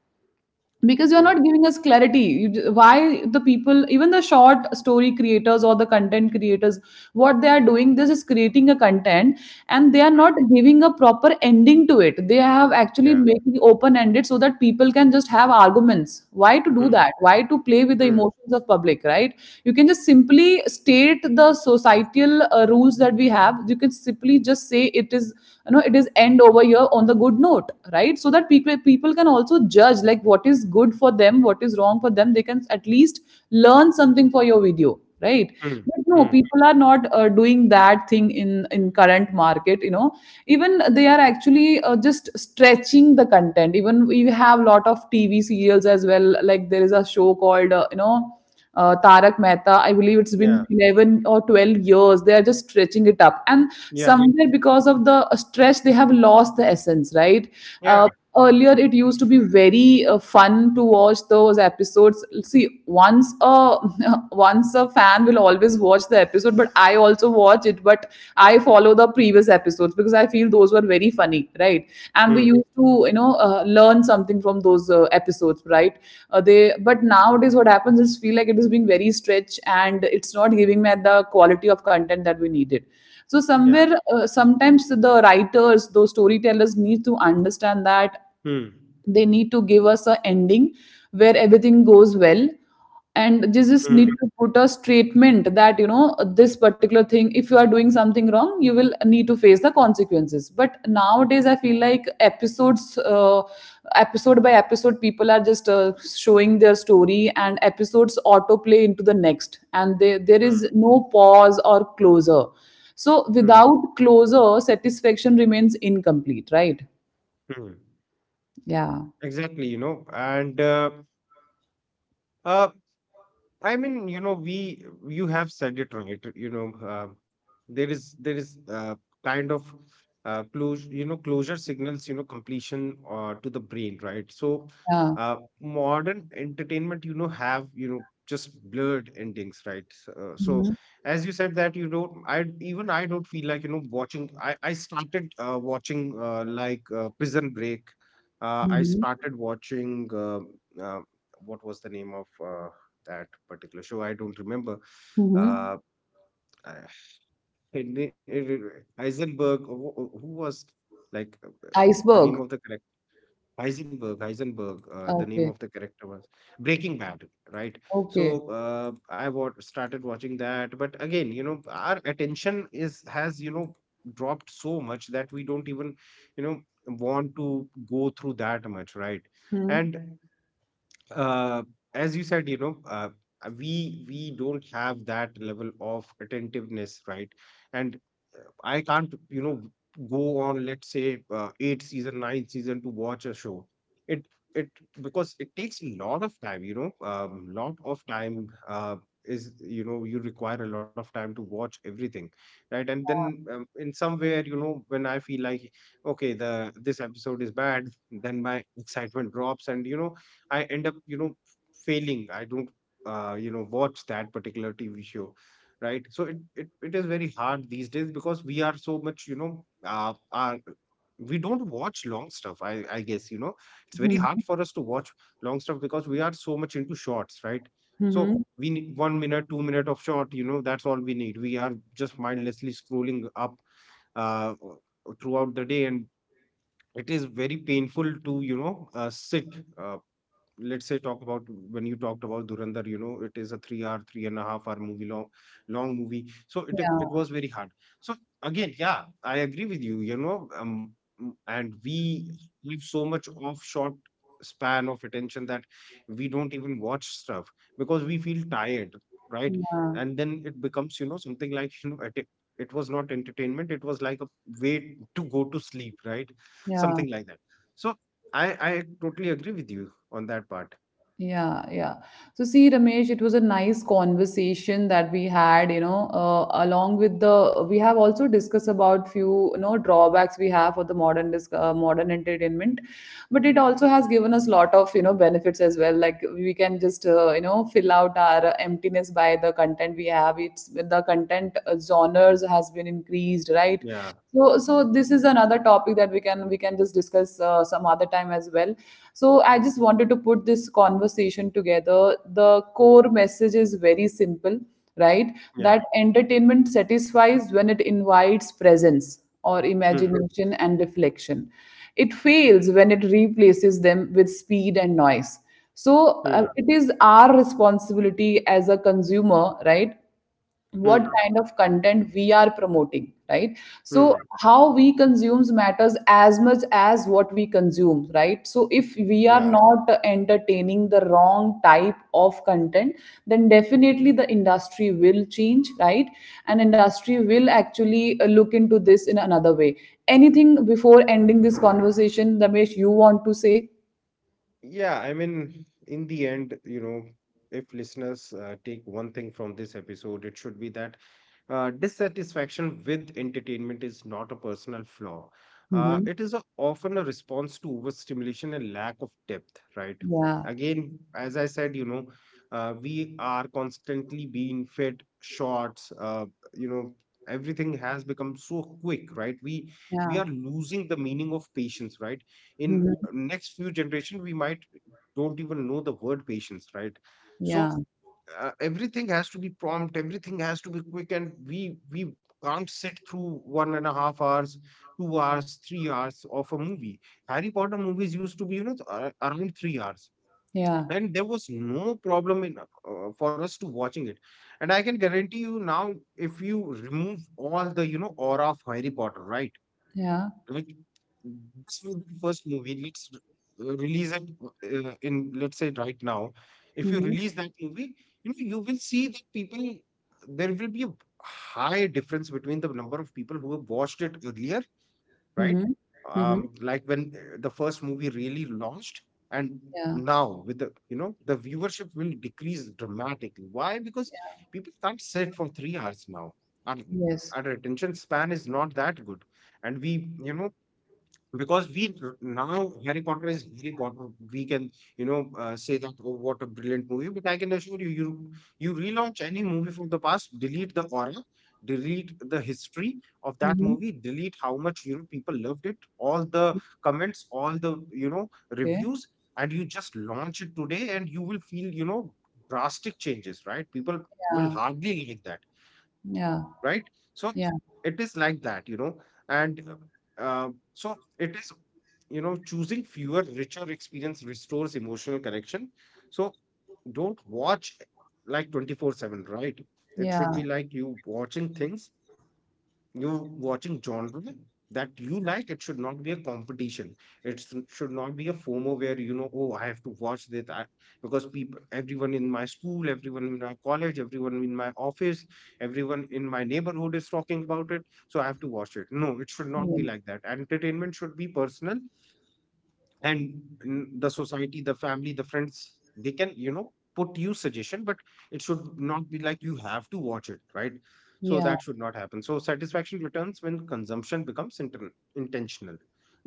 [SPEAKER 1] Because you're
[SPEAKER 2] mm,
[SPEAKER 1] not giving us clarity. You, why the people, even the short story creators or the content creators, what they are doing, this is creating a content and they are not giving a proper ending to it. They have actually
[SPEAKER 2] yeah.
[SPEAKER 1] making open ended so that people can just have arguments. Why to do
[SPEAKER 2] Hmm.
[SPEAKER 1] that? Why to play with the
[SPEAKER 2] Hmm.
[SPEAKER 1] emotions of public, right? You can just simply state the societal rules that we have. You can simply just say it is, you know, it is end over here on the good note, right? So that people can also judge like what is good for them, what is wrong for them. They can at least learn something for your video, right?
[SPEAKER 2] Hmm.
[SPEAKER 1] But no,
[SPEAKER 2] Hmm.
[SPEAKER 1] people are not doing that thing in current market, you know. Even they are actually just stretching the content. Even we have lot of TV serials as well, like there is a show called Tarak Mehta. I believe it's
[SPEAKER 2] yeah,
[SPEAKER 1] been 11 or 12 years. They are just stretching it up. And
[SPEAKER 2] yeah,
[SPEAKER 1] somewhere because of the stretch, they have lost the essence, right? Uh,
[SPEAKER 2] Yeah.
[SPEAKER 1] Earlier, it used to be very fun to watch those episodes. See, once a once a fan will always watch the episode, but I also watch it. But I follow the previous episodes because I feel those were very funny, right? And we
[SPEAKER 2] Hmm.
[SPEAKER 1] used to, learn something from those episodes, right? But nowadays, what happens is feel like it is being very stretched and it's not giving me the quality of content that we needed. So
[SPEAKER 2] yeah.
[SPEAKER 1] somewhere, sometimes the writers, those storytellers, need to understand that
[SPEAKER 2] Hmm.
[SPEAKER 1] they need to give us a ending where everything goes well, and they just need
[SPEAKER 2] Hmm.
[SPEAKER 1] to put a statement that, you know, this particular thing, if you are doing something wrong, you will need to face the consequences. But nowadays I feel like episode by episode, people are just showing their story, and episodes autoplay into the next, and there
[SPEAKER 2] Hmm.
[SPEAKER 1] is no pause or closure. So
[SPEAKER 2] Hmm.
[SPEAKER 1] without closure, satisfaction remains incomplete, right?
[SPEAKER 2] hmm.
[SPEAKER 1] Yeah,
[SPEAKER 2] Exactly, you know. And uh, I mean, you know, we you have said it right. You know, there is kind of closure. You know, closure signals completion to the brain, right? So
[SPEAKER 1] yeah.
[SPEAKER 2] modern entertainment, you know, have just blurred endings, right? As you said, that you don't, I even I don't feel like watching. I started watching, like Prison Break. I
[SPEAKER 1] Mhm.
[SPEAKER 2] started watching. Uh, what was the name of that particular show? I don't remember.
[SPEAKER 1] Mhm.
[SPEAKER 2] Uh, I- it, it, it, Heisenberg, who was like uh, uh, the
[SPEAKER 1] Iceberg.
[SPEAKER 2] name of the character? Heisenberg, Heisenberg, the name
[SPEAKER 1] Okay.
[SPEAKER 2] of the character was Breaking Bad, right?
[SPEAKER 1] Okay.
[SPEAKER 2] So I started watching that, but again, you know, our attention is has dropped so much that we don't even you know want to go through that much, right?
[SPEAKER 1] Mhm.
[SPEAKER 2] And uh, as you said, you know, we don't have that level of attentiveness, right? And I can't, you know, go on, let's say, eight season, nine season to watch a show. It it because it takes a lot of time, you know, lot of time is you know you require a lot of time to watch everything, right? And then in somewhere, you know, when I feel like okay, the this episode is bad, then my excitement drops, and, I end up, you know, failing. I don't, you know, watch that particular TV show, right? So it is very hard these days because we are so much you know are we don't watch long stuff, I guess, you know, it's very hard
[SPEAKER 1] Mhm.
[SPEAKER 2] for us to watch long stuff because we are so much into shorts, right?
[SPEAKER 1] Mhm.
[SPEAKER 2] So we need 1 minute, 2 minute of short, you know, that's all we need. We are just mindlessly scrolling up uh, throughout the day, and it is very painful to, sit, uh, let's say, talk about when you talked about Durandar, you know, it is a 3 hour, three and a half hour movie, long, long movie. So it
[SPEAKER 1] Yeah.
[SPEAKER 2] was very hard. So again, yeah, I agree with you. You know, and we have so much off short span of attention that we don't even watch stuff because we feel tired, right?
[SPEAKER 1] Yeah.
[SPEAKER 2] And then it becomes, you know, something like it was not entertainment. It was like a way to go to sleep, right?
[SPEAKER 1] Yeah.
[SPEAKER 2] Something like that. So I totally agree with you on that part.
[SPEAKER 1] Yeah. Yeah. So see, Ramesh, it was a nice conversation that we had, you know, we have also discussed about few, you know, drawbacks we have for the modern, modern entertainment. But it also has given us a lot of, you know, benefits as well. Like we can just, you know, fill out our emptiness by the content we have. It's the content, genres has been increased, right?
[SPEAKER 2] Yeah,
[SPEAKER 1] So this is another topic that we can just discuss some other time as well. So I just wanted to put this conversation together. The core message is very simple, right?
[SPEAKER 2] yeah.
[SPEAKER 1] That entertainment satisfies when it invites presence or
[SPEAKER 2] Hmm,
[SPEAKER 1] imagination and reflection. It fails when it replaces them with speed and noise. So
[SPEAKER 2] hmm,
[SPEAKER 1] it is our responsibility as a consumer, right? What
[SPEAKER 2] hmm,
[SPEAKER 1] kind of content we are promoting, right? So
[SPEAKER 2] hmm.
[SPEAKER 1] how we consumes matters as much as what we consume, right? So if we are
[SPEAKER 2] Yeah,
[SPEAKER 1] not entertaining the wrong type of content, then definitely the industry will change, right? And industry will actually look into this in another way. Anything before ending this conversation, Ramesh, you want to say?
[SPEAKER 2] yeah. I mean, in the end, you know, if listeners take one thing from this episode, it should be that dissatisfaction with entertainment is not a personal flaw.
[SPEAKER 1] Mm-hmm.
[SPEAKER 2] It is a, often a response to overstimulation and lack of depth, right?
[SPEAKER 1] Yeah.
[SPEAKER 2] Again, as I said, you know, we are constantly being fed shorts. You know, everything has become so quick, right? We
[SPEAKER 1] Yeah.
[SPEAKER 2] are losing the meaning of patience, right? In
[SPEAKER 1] Hmm.
[SPEAKER 2] next few generation, we might don't even know the word patience, right?
[SPEAKER 1] Yeah.
[SPEAKER 2] So everything has to be prompt, everything has to be quick, and we can't sit through one and a half hours, 2 hours, 3 hours of a movie. Harry Potter movies used to be, you know, around 3 hours,
[SPEAKER 1] Yeah.
[SPEAKER 2] and there was no problem in, for us to watching it. And I can guarantee you now, if you remove all the, you know, aura of Harry Potter, right,
[SPEAKER 1] Yeah.
[SPEAKER 2] like, this will be the first movie. Let's release it in, let's say, right now. If you
[SPEAKER 1] Hmm.
[SPEAKER 2] release that movie, you know, you will see that people, there will be a high difference between the number of people who have watched it earlier, right?
[SPEAKER 1] Hmm. Hmm.
[SPEAKER 2] Like when the first movie really launched, and
[SPEAKER 1] Yeah.
[SPEAKER 2] now with the, you know, the viewership will decrease dramatically. Why? Because people can't sit for 3 hours now. And
[SPEAKER 1] Yes.
[SPEAKER 2] our attention span is not that good, and we you know, because we now Harry Potter is Harry Potter. We can, you know, say that oh, what a brilliant movie, but I can assure you, you relaunch any movie from the past, delete the aura, delete the history of that
[SPEAKER 1] Mhm.
[SPEAKER 2] movie, delete how much, you know, people loved it, all the comments, all the, you know,
[SPEAKER 1] Okay.
[SPEAKER 2] reviews, and you just launch it today, and you will feel, you know, drastic changes, right? People will
[SPEAKER 1] Yeah.
[SPEAKER 2] hardly like that,
[SPEAKER 1] Yeah.
[SPEAKER 2] right? So
[SPEAKER 1] Yeah.
[SPEAKER 2] it is like that, you know, and so it is, you know, choosing fewer, richer experience restores emotional connection. So don't watch like 24/7, right? It should
[SPEAKER 1] Yeah.
[SPEAKER 2] be like you watching things, you watching genre that you like. It should not be a competition, should not be a FOMO where, you know, oh, I have to watch this because people, everyone in my school, everyone in my college, everyone in my office, everyone in my neighborhood is talking about it, so I have to watch it. No, it should not be
[SPEAKER 1] Yes.
[SPEAKER 2] like that. Entertainment should be personal. And mm, the society, the family, the friends, they can, you know, put you suggestion, but it should not be like you have to watch it, right? So
[SPEAKER 1] Yeah.
[SPEAKER 2] that should not happen. So satisfaction returns when consumption becomes intentional,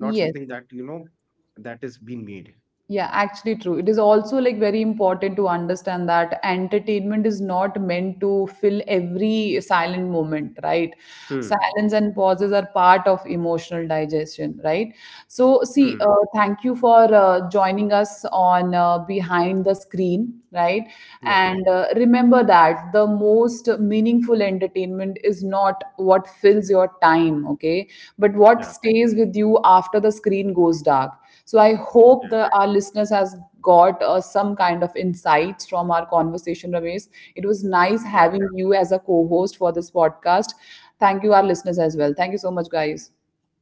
[SPEAKER 2] not something that, you know, that is being made.
[SPEAKER 1] Yeah, actually true. It is also like very important to understand that entertainment is not meant to fill every silent moment, right?
[SPEAKER 2] hmm.
[SPEAKER 1] Silence and pauses are part of emotional digestion, right? So, see,
[SPEAKER 2] Hmm.
[SPEAKER 1] thank you for joining us on Behind the Screen, right?
[SPEAKER 2] Yeah,
[SPEAKER 1] And remember that the most meaningful entertainment is not what fills your time, okay? But what
[SPEAKER 2] yeah,
[SPEAKER 1] stays with you after the screen goes dark. So I
[SPEAKER 2] yeah,
[SPEAKER 1] hope that our listeners has got some kind of insights from our conversation, Ramesh. It was nice
[SPEAKER 2] yeah,
[SPEAKER 1] having you as a co-host for this podcast. Thank you, our listeners as well. Thank you so much, guys.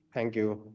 [SPEAKER 2] thank you.